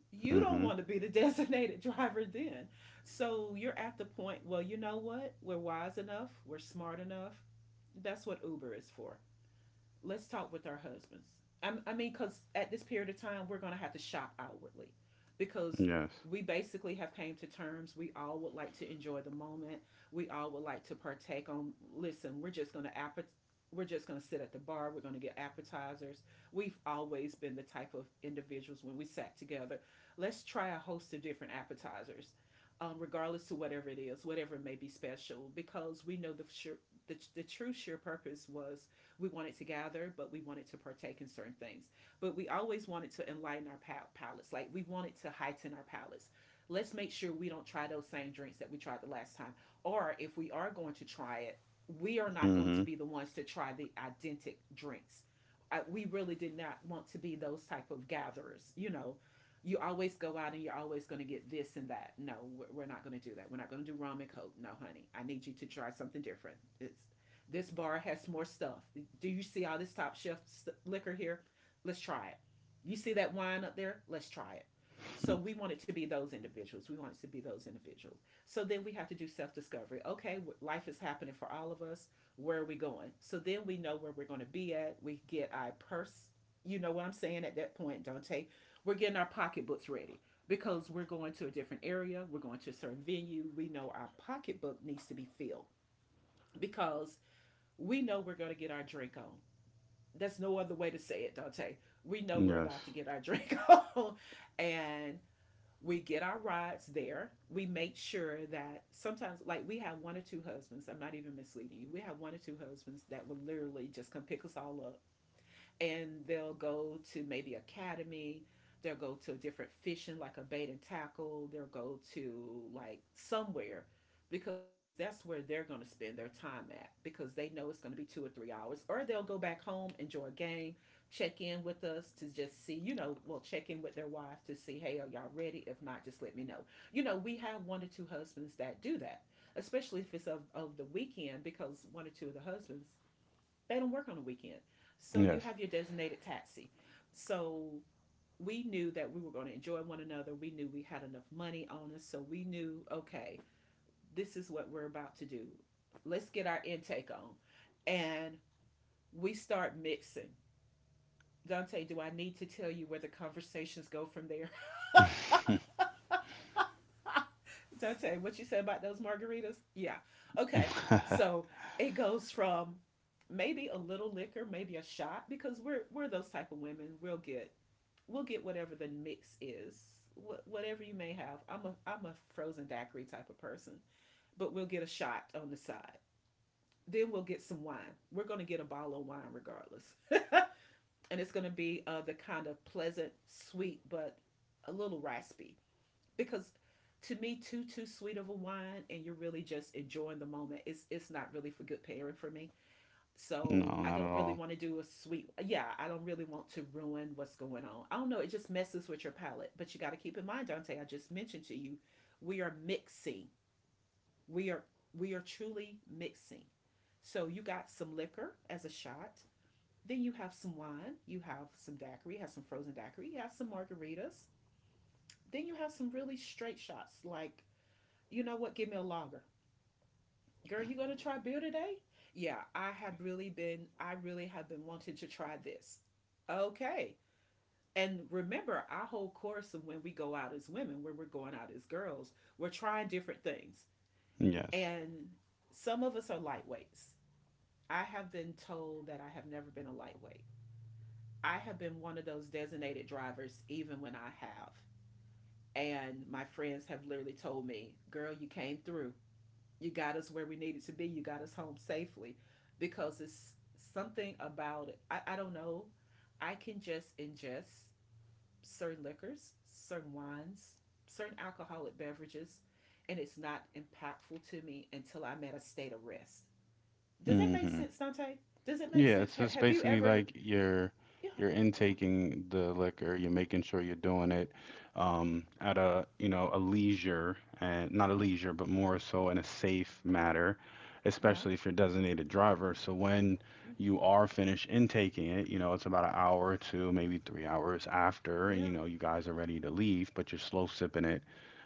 S1: You don't
S2: Mm-hmm.
S1: want to be the designated driver then. So you're at the point, well, you know what? We're wise enough, we're smart enough. That's what Uber is for let's talk with our husbands. I, I mean, because at this period of time, we're going to have to shop outwardly because
S2: Yes.
S1: we basically have came to terms. We all would like to enjoy the moment. We all would like to partake on, listen, we're just going to appet- we're just going to sit at the bar. We're going to get appetizers. We've always been the type of individuals when we sat together. Let's try a host of different appetizers, um, regardless to whatever it is, whatever may be special, because we know the sure, the, the true sheer purpose was we wanted to gather, but we wanted to partake in certain things. But we always wanted to enlighten our pal- palates. Like we wanted to heighten our palates. Let's make sure we don't try those same drinks that we tried the last time. Or if we are going to try it, we are not going
S2: Mm-hmm.
S1: to be the ones to try the identical drinks. I, we really did not want to be those type of gatherers. You know, you always go out and you're always going to get this and that. No, we're, not going to do that. We're not going to do rum and coke. No, honey, I need you to try something different. It's this bar has more stuff. Do you see all this top shelf st- liquor here? Let's try it. You see that wine up there? Let's try it. So we want it to be those individuals. We want it to be those individuals. So then we have to do self discovery. Okay, life is happening for all of us. Where are we going? So then we know where we're going to be at. We get our purse. You know what I'm saying at that point, Dante? We're getting our pocketbooks ready because we're going to a different area. We're going to a certain venue. We know our pocketbook needs to be filled because we know we're going to get our drink on. That's no other way to say it, Dante. We know we're
S2: Yes.
S1: about to get our drink on. And we get our rides there. We make sure that sometimes, like, we have one or two husbands. I'm not even misleading you. We have one or two husbands that will literally just come pick us all up and they'll go to maybe academy they'll go to a different fishing like a bait and tackle they'll go to like somewhere because that's where they're going to spend their time at because they know it's going to be two or three hours or they'll go back home enjoy a game check in with us to just see you know we'll check in with their wife to see hey are y'all ready if not just let me know you know we have one or two husbands that do that especially if it's of, of the weekend because one or two of the husbands they don't work on the weekend. So you
S2: Yes.
S1: have your designated taxi. So we knew that we were going to enjoy one another. We knew we had enough money on us. So we knew, okay, this is what we're about to do. Let's get our intake on. And we start mixing. Dante, do I need to tell you where the conversations go from there? Dante, what you said about those margaritas? Yeah. Okay. So it goes from maybe a little liquor, maybe a shot, because we're we're those type of women. We'll get we'll get whatever the mix is. Wh- whatever you may have, i'm a i'm a frozen daiquiri type of person, but we'll get a shot on the side. Then we'll get some wine. We're going to get a bottle of wine regardless, and it's going to be uh, the kind of pleasant sweet but a little raspy, because to me too too sweet of a wine and you're really just enjoying the moment, it's it's not really for good pairing for me. So
S2: No,
S1: I
S2: not at
S1: don't really
S2: all.
S1: want to do a sweet. Yeah, I don't really want to ruin what's going on. I don't know. It just messes with your palate. But you got to keep in mind, Dante, I just mentioned to you, we are mixing. We are we are truly mixing. So you got some liquor as a shot. Then you have some wine. You have some daiquiri. You have some frozen daiquiri. You have some margaritas. Then you have some really straight shots. Like, you know what? Give me a lager. Girl, you gonna try beer today? Yeah, I have really been, I really have been wanting to try this. Okay. And remember, our whole course of when we go out as women, when we're going out as girls, we're trying different things.
S2: Yes.
S1: And some of us are lightweights. I have been told that I have never been a lightweight. I have been one of those designated drivers, even when I have. And my friends have literally told me, girl, you came through. You got us where we needed to be. You got us home safely because it's something about it. I, I don't know. I can just ingest certain liquors, certain wines, certain alcoholic beverages, and it's not impactful to me until I'm at a state of rest. Does that make
S2: Mm-hmm.
S1: sense, Dante? Does it make
S2: Yeah,
S1: sense?
S2: it's just
S1: Have you
S2: basically
S1: ever?
S2: like you're
S1: Yeah,
S2: you're
S1: yeah,
S2: intaking the liquor, you're making sure you're doing it um, at a, you know, a leisure and not a
S1: yeah,
S2: leisure, but more so in a safe manner,
S1: yeah,
S2: especially if you're designated driver. So when
S1: mm,
S2: you are finished intaking it, you know it's about an hour or two, maybe three hours after, and
S1: yeah,
S2: you know you guys are ready to leave, but you're slow sipping it,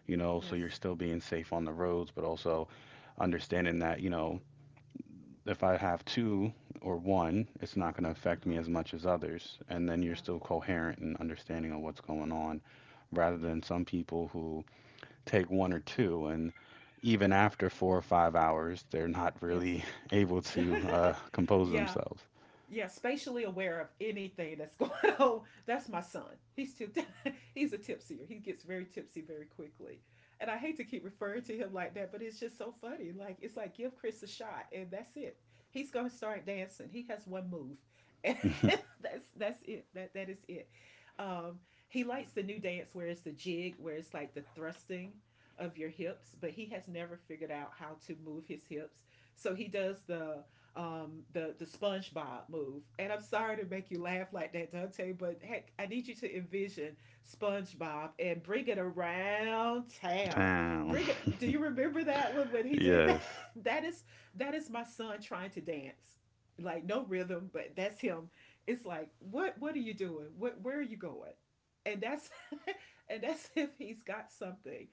S2: you know, so
S1: yes,
S2: you're still being safe on the roads, but also understanding that, you know, if I have two or one, it's not going to
S1: uh
S2: affect me
S1: huh,
S2: as much as others. And then you're
S1: yeah,
S2: still coherent and understanding of what's going on, rather
S1: yeah,
S2: than some people who take one or two and even after four or five hours, they're not
S1: yes,
S2: really able to uh, compose
S1: yeah.
S2: themselves.
S1: Yeah, spatially aware of anything that's going on. That's my son. He's too, he's a tipsier. He gets very tipsy very quickly. And I hate to keep referring to him like that, but it's just so funny. Like, it's like give Chris a shot and that's it. He's gonna start dancing. He has one move. And that's that's it. That that is it. Um, he likes the new dance where it's the jig, where it's like the thrusting of your hips, but he has never figured out how to move his hips. So he does the um, the the SpongeBob move. And I'm sorry to make you laugh like that, Dante, but heck, I need you to envision SpongeBob and bring it around town.
S2: Damn.
S1: Bring it. Do you remember that one when he did that?
S2: Yes.
S1: That is that is my son trying to dance, like no rhythm, but that's him. It's like, what what are you doing? What, where are you going? And that's and that's if he's got something,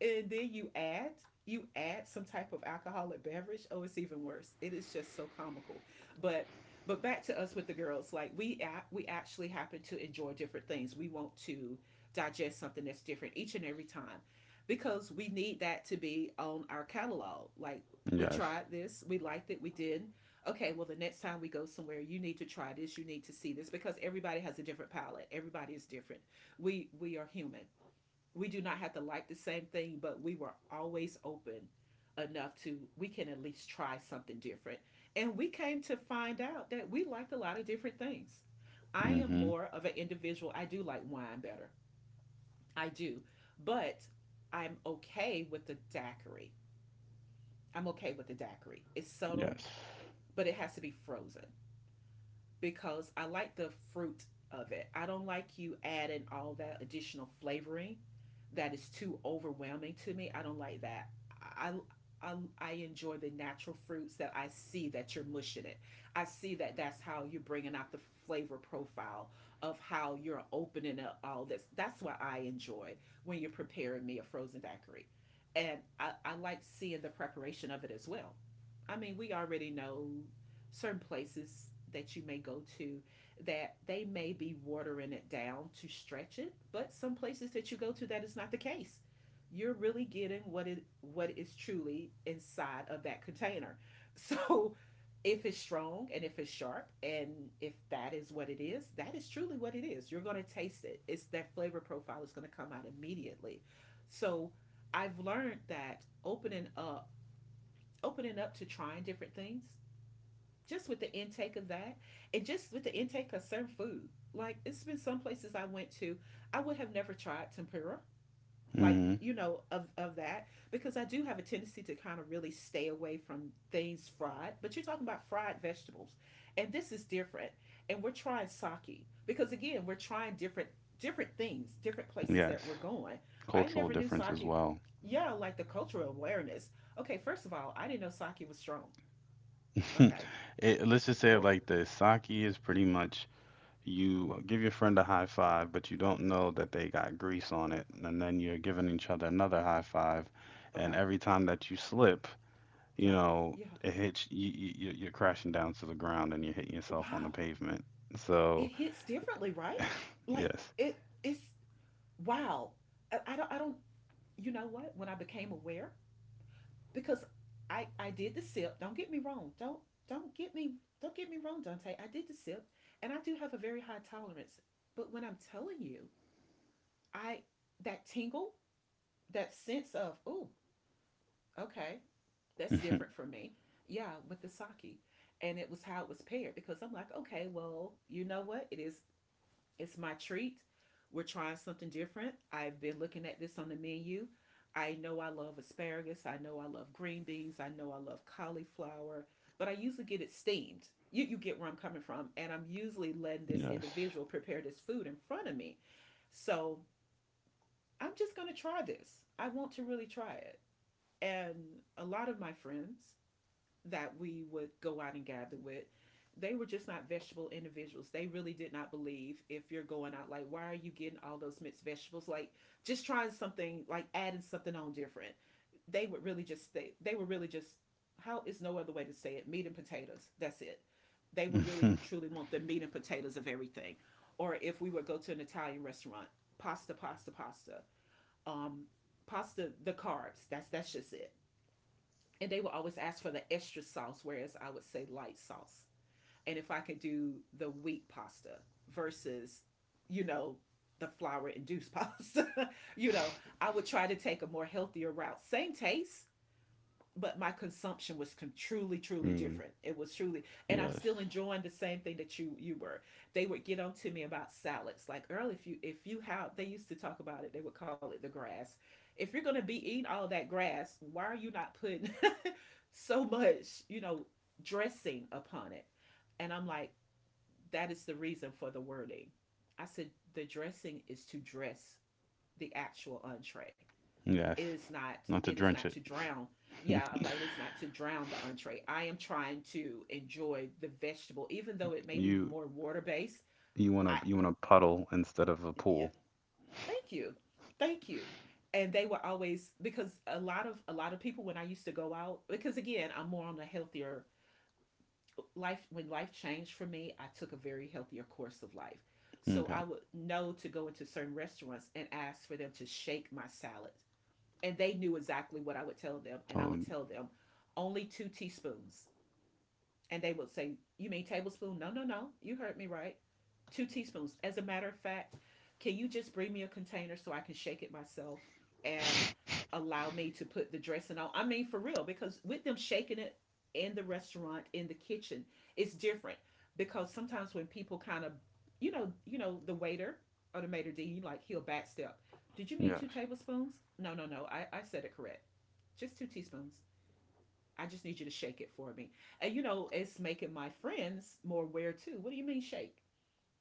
S1: and then you add, you add some type of alcoholic beverage. Oh, it's even worse. It is just so comical. But but back to us with the girls, like, we a- we actually happen to enjoy different things. We want to digest something that's different each and every time, because we need that to be on our catalog. Like, we
S2: Yes.
S1: tried this, we liked it, we did. Okay, well, the next time we go somewhere, you need to try this, you need to see this, because everybody has a different palate, everybody is different. We we are human. We do not have to like the same thing, but we were always open enough to we can at least try something different. And we came to find out that we liked a lot of different things. I am
S2: Mm-hmm.
S1: more of an individual. I do like wine better. I do. But I'm okay with the daiquiri. I'm okay with the daiquiri. It's subtle,
S2: Yes.
S1: but it has to be frozen, because I like the fruit of it. I don't like you adding all that additional flavoring that is too overwhelming to me. I don't like that. I I, I enjoy the natural fruits. That I see that you're mushing it, I see that that's how you're bringing out the flavor profile of how you're opening up all this. That's what I enjoy when you're preparing me a frozen daiquiri. And I, I like seeing the preparation of it as well. I mean, we already know certain places that you may go to that they may be watering it down to stretch it, but some places that you go to that is not the case. You're really getting what it what is truly inside of that container. So if it's strong and if it's sharp and if that is what it is, that is truly what it is. You're going to taste it. It's that flavor profile is going to come out immediately. So I've learned that opening up opening up to trying different things, just with the intake of that and just with the intake of certain food. Like, it's been some places I went to, I would have never tried tempura, like,
S2: Mm-hmm.
S1: you know, of of that, because I do have a tendency to kind of really stay away from things fried. But you're talking about fried vegetables, and this is different. And we're trying sake because, again, we're trying different different things, different places that we're
S2: Yes.
S1: going. I
S2: Cultural
S1: never knew
S2: difference as
S1: sake.
S2: well.
S1: Yeah, like the cultural awareness. Okay, first of all, I didn't know sake was strong. Okay,
S2: It, let's just say it
S1: well,
S2: like this. Sake is pretty much, you give your friend a high five, but you don't know that they got grease on it. And then you're giving each other another high five. And
S1: okay,
S2: every time that you slip, you
S1: yeah,
S2: know,
S1: yeah.
S2: it hits you, you, you- you're crashing down to the ground and you're hitting yourself on the
S1: Wow,
S2: pavement.
S1: it
S2: So,
S1: hits differently, right? Like,
S2: yes.
S1: it, it's, wow. I, I don't, I don't. You know what? When I became aware, because I, I did the sip. Don't, get me wrong. Don't, don't get me, don't get me wrong, Dante. I did the sip, and I do have a very high tolerance. But when I'm telling you, I, that tingle, that sense of, oh, okay, that's different for me. Yeah, with the sake. And it was how it was paired, because I'm like, okay, well, you know what? It is. It's my treat. We're trying something different. I've been looking at this on the menu. I know I love asparagus. I know I love green beans. I know I love cauliflower, but I usually get it steamed. You, you get where I'm coming from. And I'm usually letting this
S2: Yes.
S1: individual prepare this food in front of me. So I'm just going to try this. I want to really try it. And a lot of my friends that we would go out and gather with, they were just not vegetable individuals. They really did not believe if you're going out, like, why are you getting all those mixed vegetables? Like, just trying something, like, adding something on different. They would really just, they, they were really just, how is no other way to say it, meat and potatoes. That's it. They would really truly want the meat and potatoes of everything. Or if we would go to an Italian restaurant, pasta, pasta, pasta. Um Pasta, the carbs. That's that's just it, and they will always ask for the extra sauce, whereas I would say light sauce. And if I could do the wheat pasta versus, you know, the flour induced pasta, you know, I would try to take a more healthier route. Same taste, but my consumption was con- truly, truly
S2: Really.
S1: different. It was truly, and I'm
S2: Yes.
S1: still enjoying the same thing that you you were. They would get on to me about salads, like, Earl. If you if you have, they used to talk about it. They would call it the grass. If you're gonna be eating all that grass, why are you not putting so much, you know, dressing upon it. And I'm like, that is the reason for the wording. I said the dressing is to dress the actual entree. It
S2: Yes.
S1: is not,
S2: Not
S1: it
S2: to
S1: is not
S2: drench
S1: to
S2: it.
S1: drown. Yeah, I'm like, it's not to drown the entree. I am trying to enjoy the vegetable, even though it may be
S2: You
S1: more water based.
S2: you
S1: I,
S2: want to you want a puddle instead of a
S1: yeah,
S2: pool.
S1: thank you. Thank you. And they were always, because a lot of a lot of people when I used to go out, because again, I'm more on the healthier life. When life changed for me, I took a very healthier course of life. So
S2: Okay.
S1: I would know to go into certain restaurants and ask for them to shake my salad. And they knew exactly what I would tell them, and I
S2: So,
S1: would tell them only two teaspoons, and they would say, you mean tablespoon? No, no, no. You heard me right. Two teaspoons. As a matter of fact, can you just bring me a container so I can shake it myself and allow me to put the dressing on? I mean, for real, because with them shaking it in the restaurant, in the kitchen, it's different. Because sometimes when people kind of, you know, you know, the waiter or the maitre d, like he'll backstep. Did you mean
S2: yes.
S1: two tablespoons? No, no, no. I, I said it correct. Just two teaspoons. I just need you to shake it for me. And you know, it's making my friends more aware too. What do you mean shake?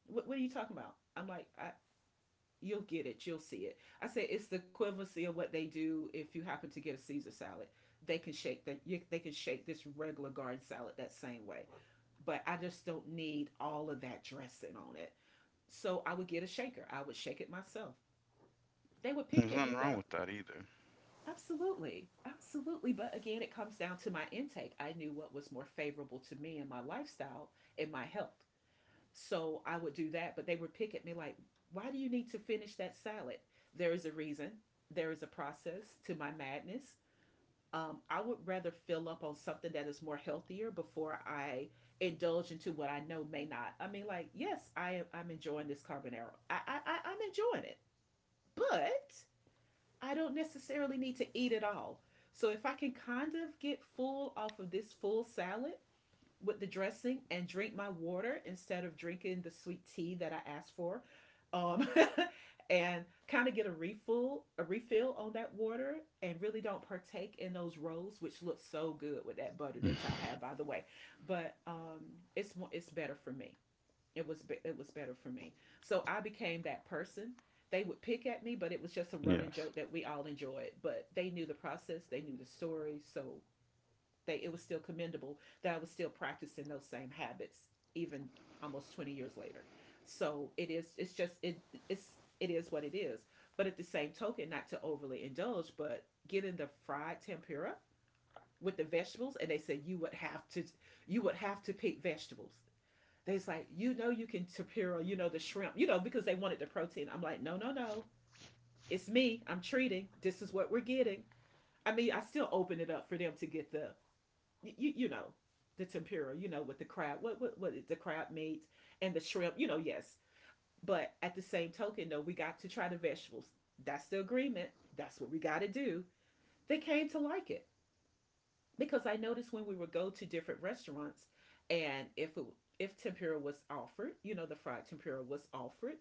S1: What, what are you talking about? I'm like, I, you'll get it. You'll see it. I say it's the equivalency of what they do if you happen to get a Caesar salad. They can shake that. They can shake this regular garden salad that same way. But I just don't need all of that dressing on it. So I would get a shaker. I would shake it myself. They would pick
S2: There's
S1: at me,
S2: nothing wrong
S1: girl.
S2: with that
S1: Absolutely. Absolutely. But again, it comes down to my intake. I knew what was more favorable to me and my lifestyle and my health. So I would do that. But they would pick at me like, why do you need to finish that salad? There is a reason, there is a process to my madness. Um, I would rather fill up on something that is more healthier before I indulge into what I know may not. I mean, like, yes, I am, I'm enjoying this carbonara. I, I, I, I'm enjoying it, but I don't necessarily need to eat it all. So if I can kind of get full off of this full salad with the dressing and drink my water instead of drinking the sweet tea that I asked for, um, and kind of get a refill, a refill on that water, and really don't partake in those rolls, which look so good with that butter
S2: either.
S1: that y'all have, by the way. But um, it's it's better for me it was be- it was better for me. So I became that person. They would pick at me, but it was just a running
S2: Yes.
S1: joke that we all enjoyed. But they knew the process, they knew the story, so they it was still commendable that I was still practicing those same habits even almost twenty years later. So it is it's just it it's it is what it is. But at the same token, not to overly indulge, but getting the fried tempura with the vegetables and they said you would have to you would have to pick vegetables they was like, you know, you can tapiro, you know, the shrimp, you know, because they wanted the protein. I'm like, no, no, no. It's me. I'm treating. This is what we're getting. I mean, I still open it up for them to get the, you, you know, the tempura, you know, with the crab, what, what, what, the crab meat and the shrimp, you know, yes. But at the same token, though, we got to try the vegetables. That's the agreement. That's what we got to do. They came to like it because I noticed when we would go to different restaurants, and if it, if tempura was offered, you know, the fried tempura was offered,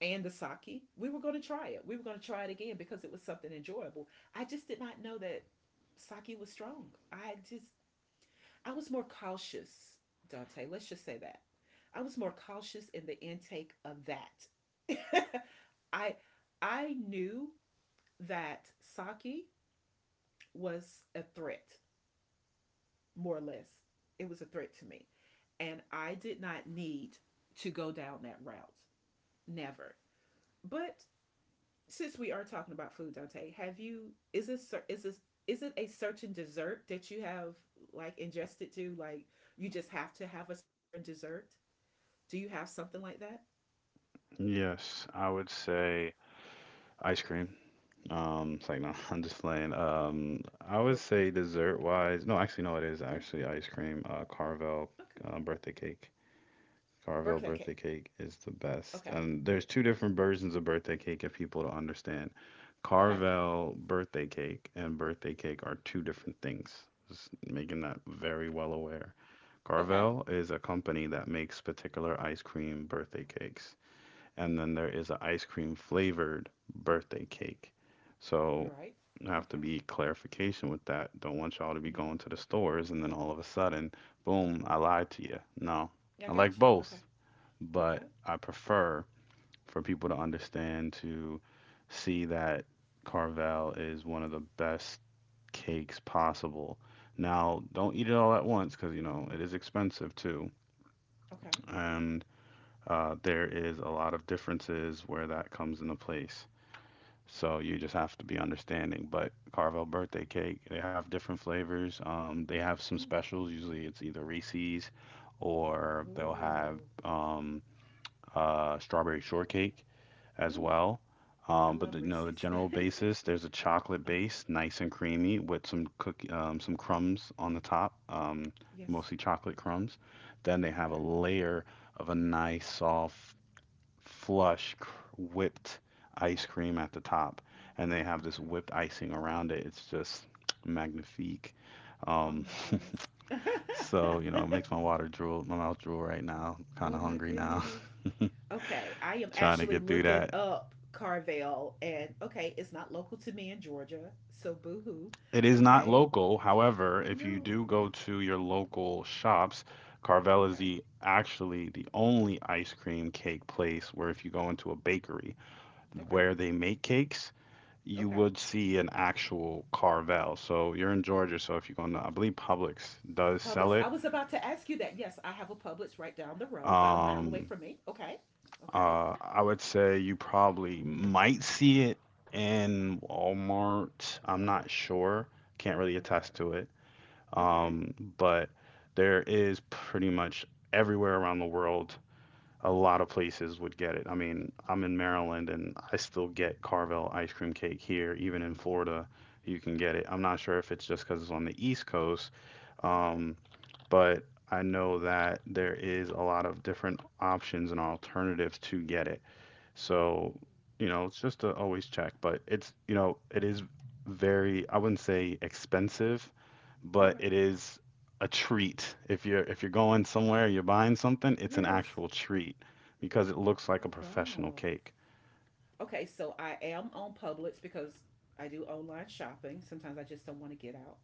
S1: and the sake, we were going to try it. We were going to try it again because it was something enjoyable. I just did not know that sake was strong. I just I was more cautious, Dante. Let's just say that. I was more cautious in the intake of that. I I knew that sake was a threat more or less. It was a threat to me. And I did not need to go down that route. Never. But since we are talking about food, Dante, have you is this is this is it a certain dessert that you have like ingested to? Like you just have to have a certain dessert? Do you have something like that?
S2: Yes. I would say ice cream. Um, it's like no, I'm just playing. Um, I would
S1: Okay.
S2: say dessert wise. No, actually, no, it is
S1: Yeah.
S2: actually ice cream. Uh, Carvel
S1: Okay.
S2: uh, birthday cake. Carvel
S1: Birthday
S2: birthday
S1: cake.
S2: cake is the best.
S1: Okay.
S2: And there's two different versions of birthday cake if people don't understand.
S1: Okay.
S2: Carvel birthday cake and birthday cake are two different things. Just making that very well aware.
S1: Okay.
S2: Carvel is a company that makes particular ice cream birthday cakes. And then there is an ice cream flavored birthday cake.
S1: You're
S2: So
S1: right.
S2: I have to
S1: Okay.
S2: be clarification with that. Don't want y'all to be
S1: Yeah.
S2: going to the stores and then all of a sudden, boom, I lied to you. No,
S1: Mm. I
S2: I like
S1: got you. Okay.
S2: both, but
S1: Okay.
S2: I prefer for people to understand to see that Carvel is one of the best cakes possible. Now, don't eat it all at once because you know it is expensive too.
S1: Okay.
S2: And uh, there is a lot of differences where that comes into place. So you just have to be understanding. But Carvel birthday cake, they have different flavors. Um, they have some
S1: Mm.
S2: specials. Usually it's either Reese's or they'll have
S1: Ooh.
S2: um, uh, strawberry shortcake as
S1: Ooh.
S2: well.
S1: I
S2: Um, but
S1: love
S2: the, you know, the
S1: Reese's.
S2: general basis, there's a chocolate
S1: uh,
S2: base, nice and creamy, with some cookie, um, some crumbs on the top, um,
S1: yes.
S2: mostly chocolate crumbs. Then they have a
S1: Okay.
S2: layer of a nice soft flush cr whipped ice cream at the top, and they have this
S1: Okay.
S2: whipped icing around it. It's just magnifique.
S1: Oh
S2: Um,
S1: my goodness.
S2: so, you know, it makes my water drool, my mouth drool right now. Kind
S1: oh
S2: of
S1: my
S2: hungry now,
S1: goodness. Okay, I am
S2: trying to
S1: actually
S2: get through
S1: looking
S2: that.
S1: up Carvel, and okay, it's not local to me in Georgia, so boohoo.
S2: It is not
S1: Okay.
S2: local. However, if you
S1: No.
S2: do go
S1: Okay.
S2: to your local shops, Carvel is
S1: Okay.
S2: the actually the only ice cream cake place where if you go into a bakery
S1: Okay.
S2: where they make cakes, you
S1: Okay.
S2: would see an actual Carvel. So you're in Georgia, so if you're going to, I believe Publix does
S1: Publix.
S2: sell
S1: I
S2: it.
S1: was about to ask you that. Yes, I have a Publix right down the road, about a mile away
S2: Um,
S1: from me. Okay. Okay.
S2: uh, I would say you probably might see it in Walmart. I'm not sure. Can't really attest to
S1: Okay.
S2: it.
S1: Okay.
S2: Um, but there is pretty much everywhere around the world a lot of places would get it. I mean, I'm in Maryland and I still get Carvel ice cream cake here. Even in Florida, you can get it. I'm not sure if it's just because it's on the East Coast,
S1: Okay.
S2: um, but I know that there is a lot of different options and alternatives to get it. So, you know, it's just to always check, but it's, you know, it is very, I wouldn't say expensive, but
S1: Okay.
S2: it is a treat. If you're if you're going somewhere, you're buying something, it's an
S1: Yes.
S2: actual treat because it looks like a
S1: Oh
S2: professional
S1: wow.
S2: cake.
S1: Okay, so I am on Publix because I do online shopping. Sometimes I just don't want to get out.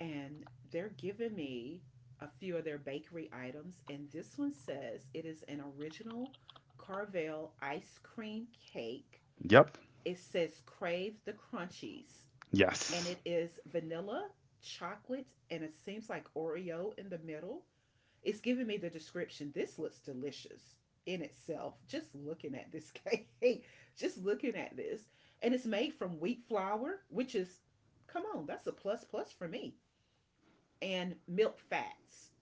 S1: And they're giving me a few of their bakery items. And this one says it is an original Carvel ice cream cake.
S2: Yep.
S1: It says Crave the Crunchies. And
S2: Yes.
S1: it is vanilla, chocolate, and it seems like Oreo in the middle. It's giving me the description. This looks delicious in itself. Just looking at this cake, just looking at this. And it's made from wheat flour, which is, come on, that's a plus plus for me, and milk fats.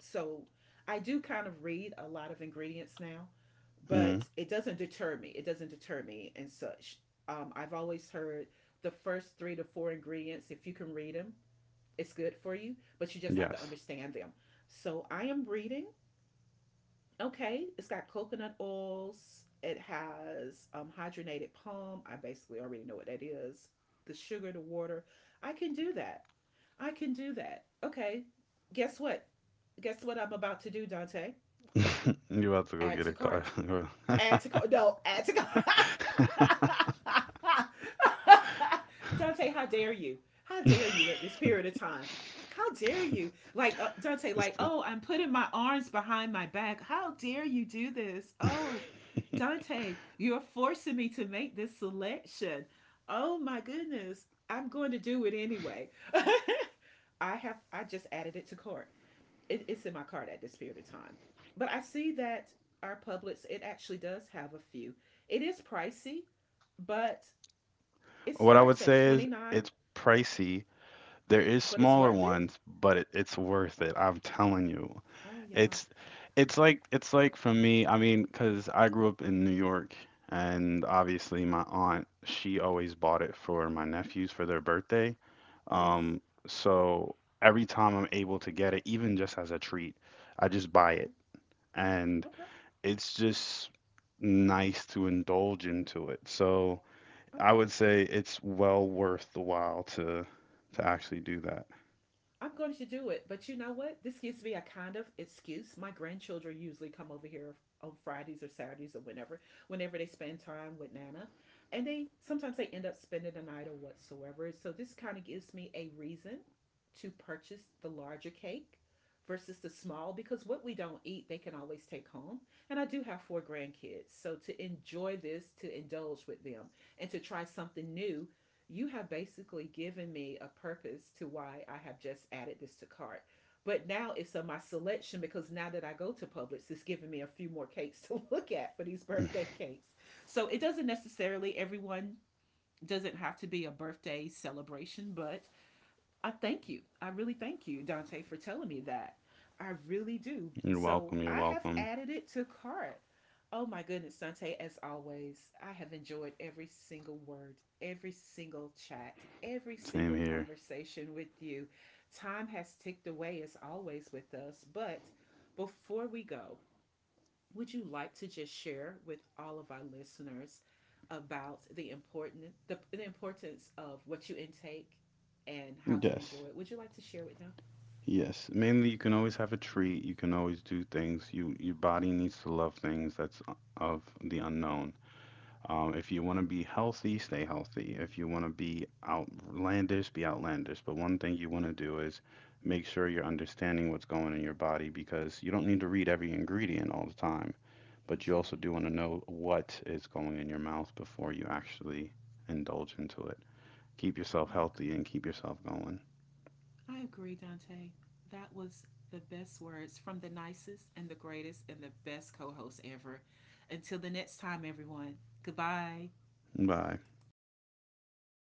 S1: So I do kind of read a lot of ingredients now,
S2: Mm,
S1: but it doesn't deter me. It doesn't deter me and such. Um, I've always heard the first three to four ingredients, if you can read them, it's good for you, but you just have to
S2: yes.
S1: understand them. So I am reading okay, it's got coconut oils. It has um, hydrogenated palm. I basically already know what that is. The sugar, the water. I can do that. I can do that. Okay, guess what? Guess what I'm about to do, Dante?
S2: You have to go
S1: Add
S2: get
S1: to
S2: a car.
S1: cart add to cart. No, add to cart. Dante, how dare you? How dare you at this period of time? How dare you? Like uh, Dante, like,
S2: It's-
S1: oh, I'm putting my arms behind my back. How dare you do this? Oh,
S2: it-
S1: Dante, you're forcing me to make this selection. Oh my goodness, I'm going to do it anyway. I have I just added it to cart it, it's in my cart at this period of time. But I see that our Publix, it actually does have a few. It is pricey, but it
S2: What I would
S1: starts at
S2: say is
S1: twenty-nine dollars,
S2: it's pricey. There is
S1: but it's
S2: smaller
S1: worth it.
S2: ones, but it, it's worth
S1: Oh,
S2: it. I'm telling you.
S1: oh yeah.
S2: It's it's like it's like for me, I mean, 'cause I grew up in New York and obviously my aunt, she always bought it for my nephews for their birthday.
S1: Yes.
S2: Um, so every time I'm able to get it, even just as a treat, I just buy it.
S1: Okay.
S2: And
S1: Okay.
S2: it's just nice to indulge into it. So I
S1: Okay.
S2: would say it's well worth the while to to actually do that.
S1: I'm going to do it. But you know what? This gives me a kind of excuse. My grandchildren usually come over here on Fridays or Saturdays or whenever, whenever they spend time with Nana. And they sometimes they end up spending the night or whatsoever. So this kind of gives me a reason to purchase the larger cake versus the small because what we don't eat they can always take home and I do have four grandkids so to enjoy this to indulge with them and to try something new you have basically given me a purpose to why I have just added this to cart. But now it's on my selection because now that I go to Publix, it's giving me a few more cakes to look at for these birthday cakes. So it doesn't necessarily, everyone doesn't have to be a birthday celebration, but I thank you. I really thank you, Dante, for telling me that. I really do.
S2: You're
S1: So
S2: welcome. You're
S1: I have
S2: welcome.
S1: added it to cart. Oh my goodness, Dante, as always, I have enjoyed every single word, every single chat, every
S2: Same
S1: single
S2: here.
S1: conversation with you. Time has ticked away as always with us, but before we go, would you like to just share with all of our listeners about the important the, the importance of what you intake and how to
S2: Yes.
S1: enjoy it? Would you like to share with them?
S2: Yes. Mainly, you can always have a treat. You can always do things. You your body needs to love things that's o- of the unknown. Um, if you want to be healthy, stay healthy. If you want to be outlandish, be outlandish. But one thing you want to do is make sure you're understanding what's going in your body because you don't need to read every ingredient all the time. But you also
S1: Absolutely.
S2: do want to know what is going in your mouth before you actually indulge into it. Keep
S1: I
S2: yourself
S1: agree.
S2: healthy and keep yourself going.
S1: I agree, Dante. That was the best words from the nicest and the greatest and the best co host ever. Until the next time, everyone. Goodbye.
S2: Bye.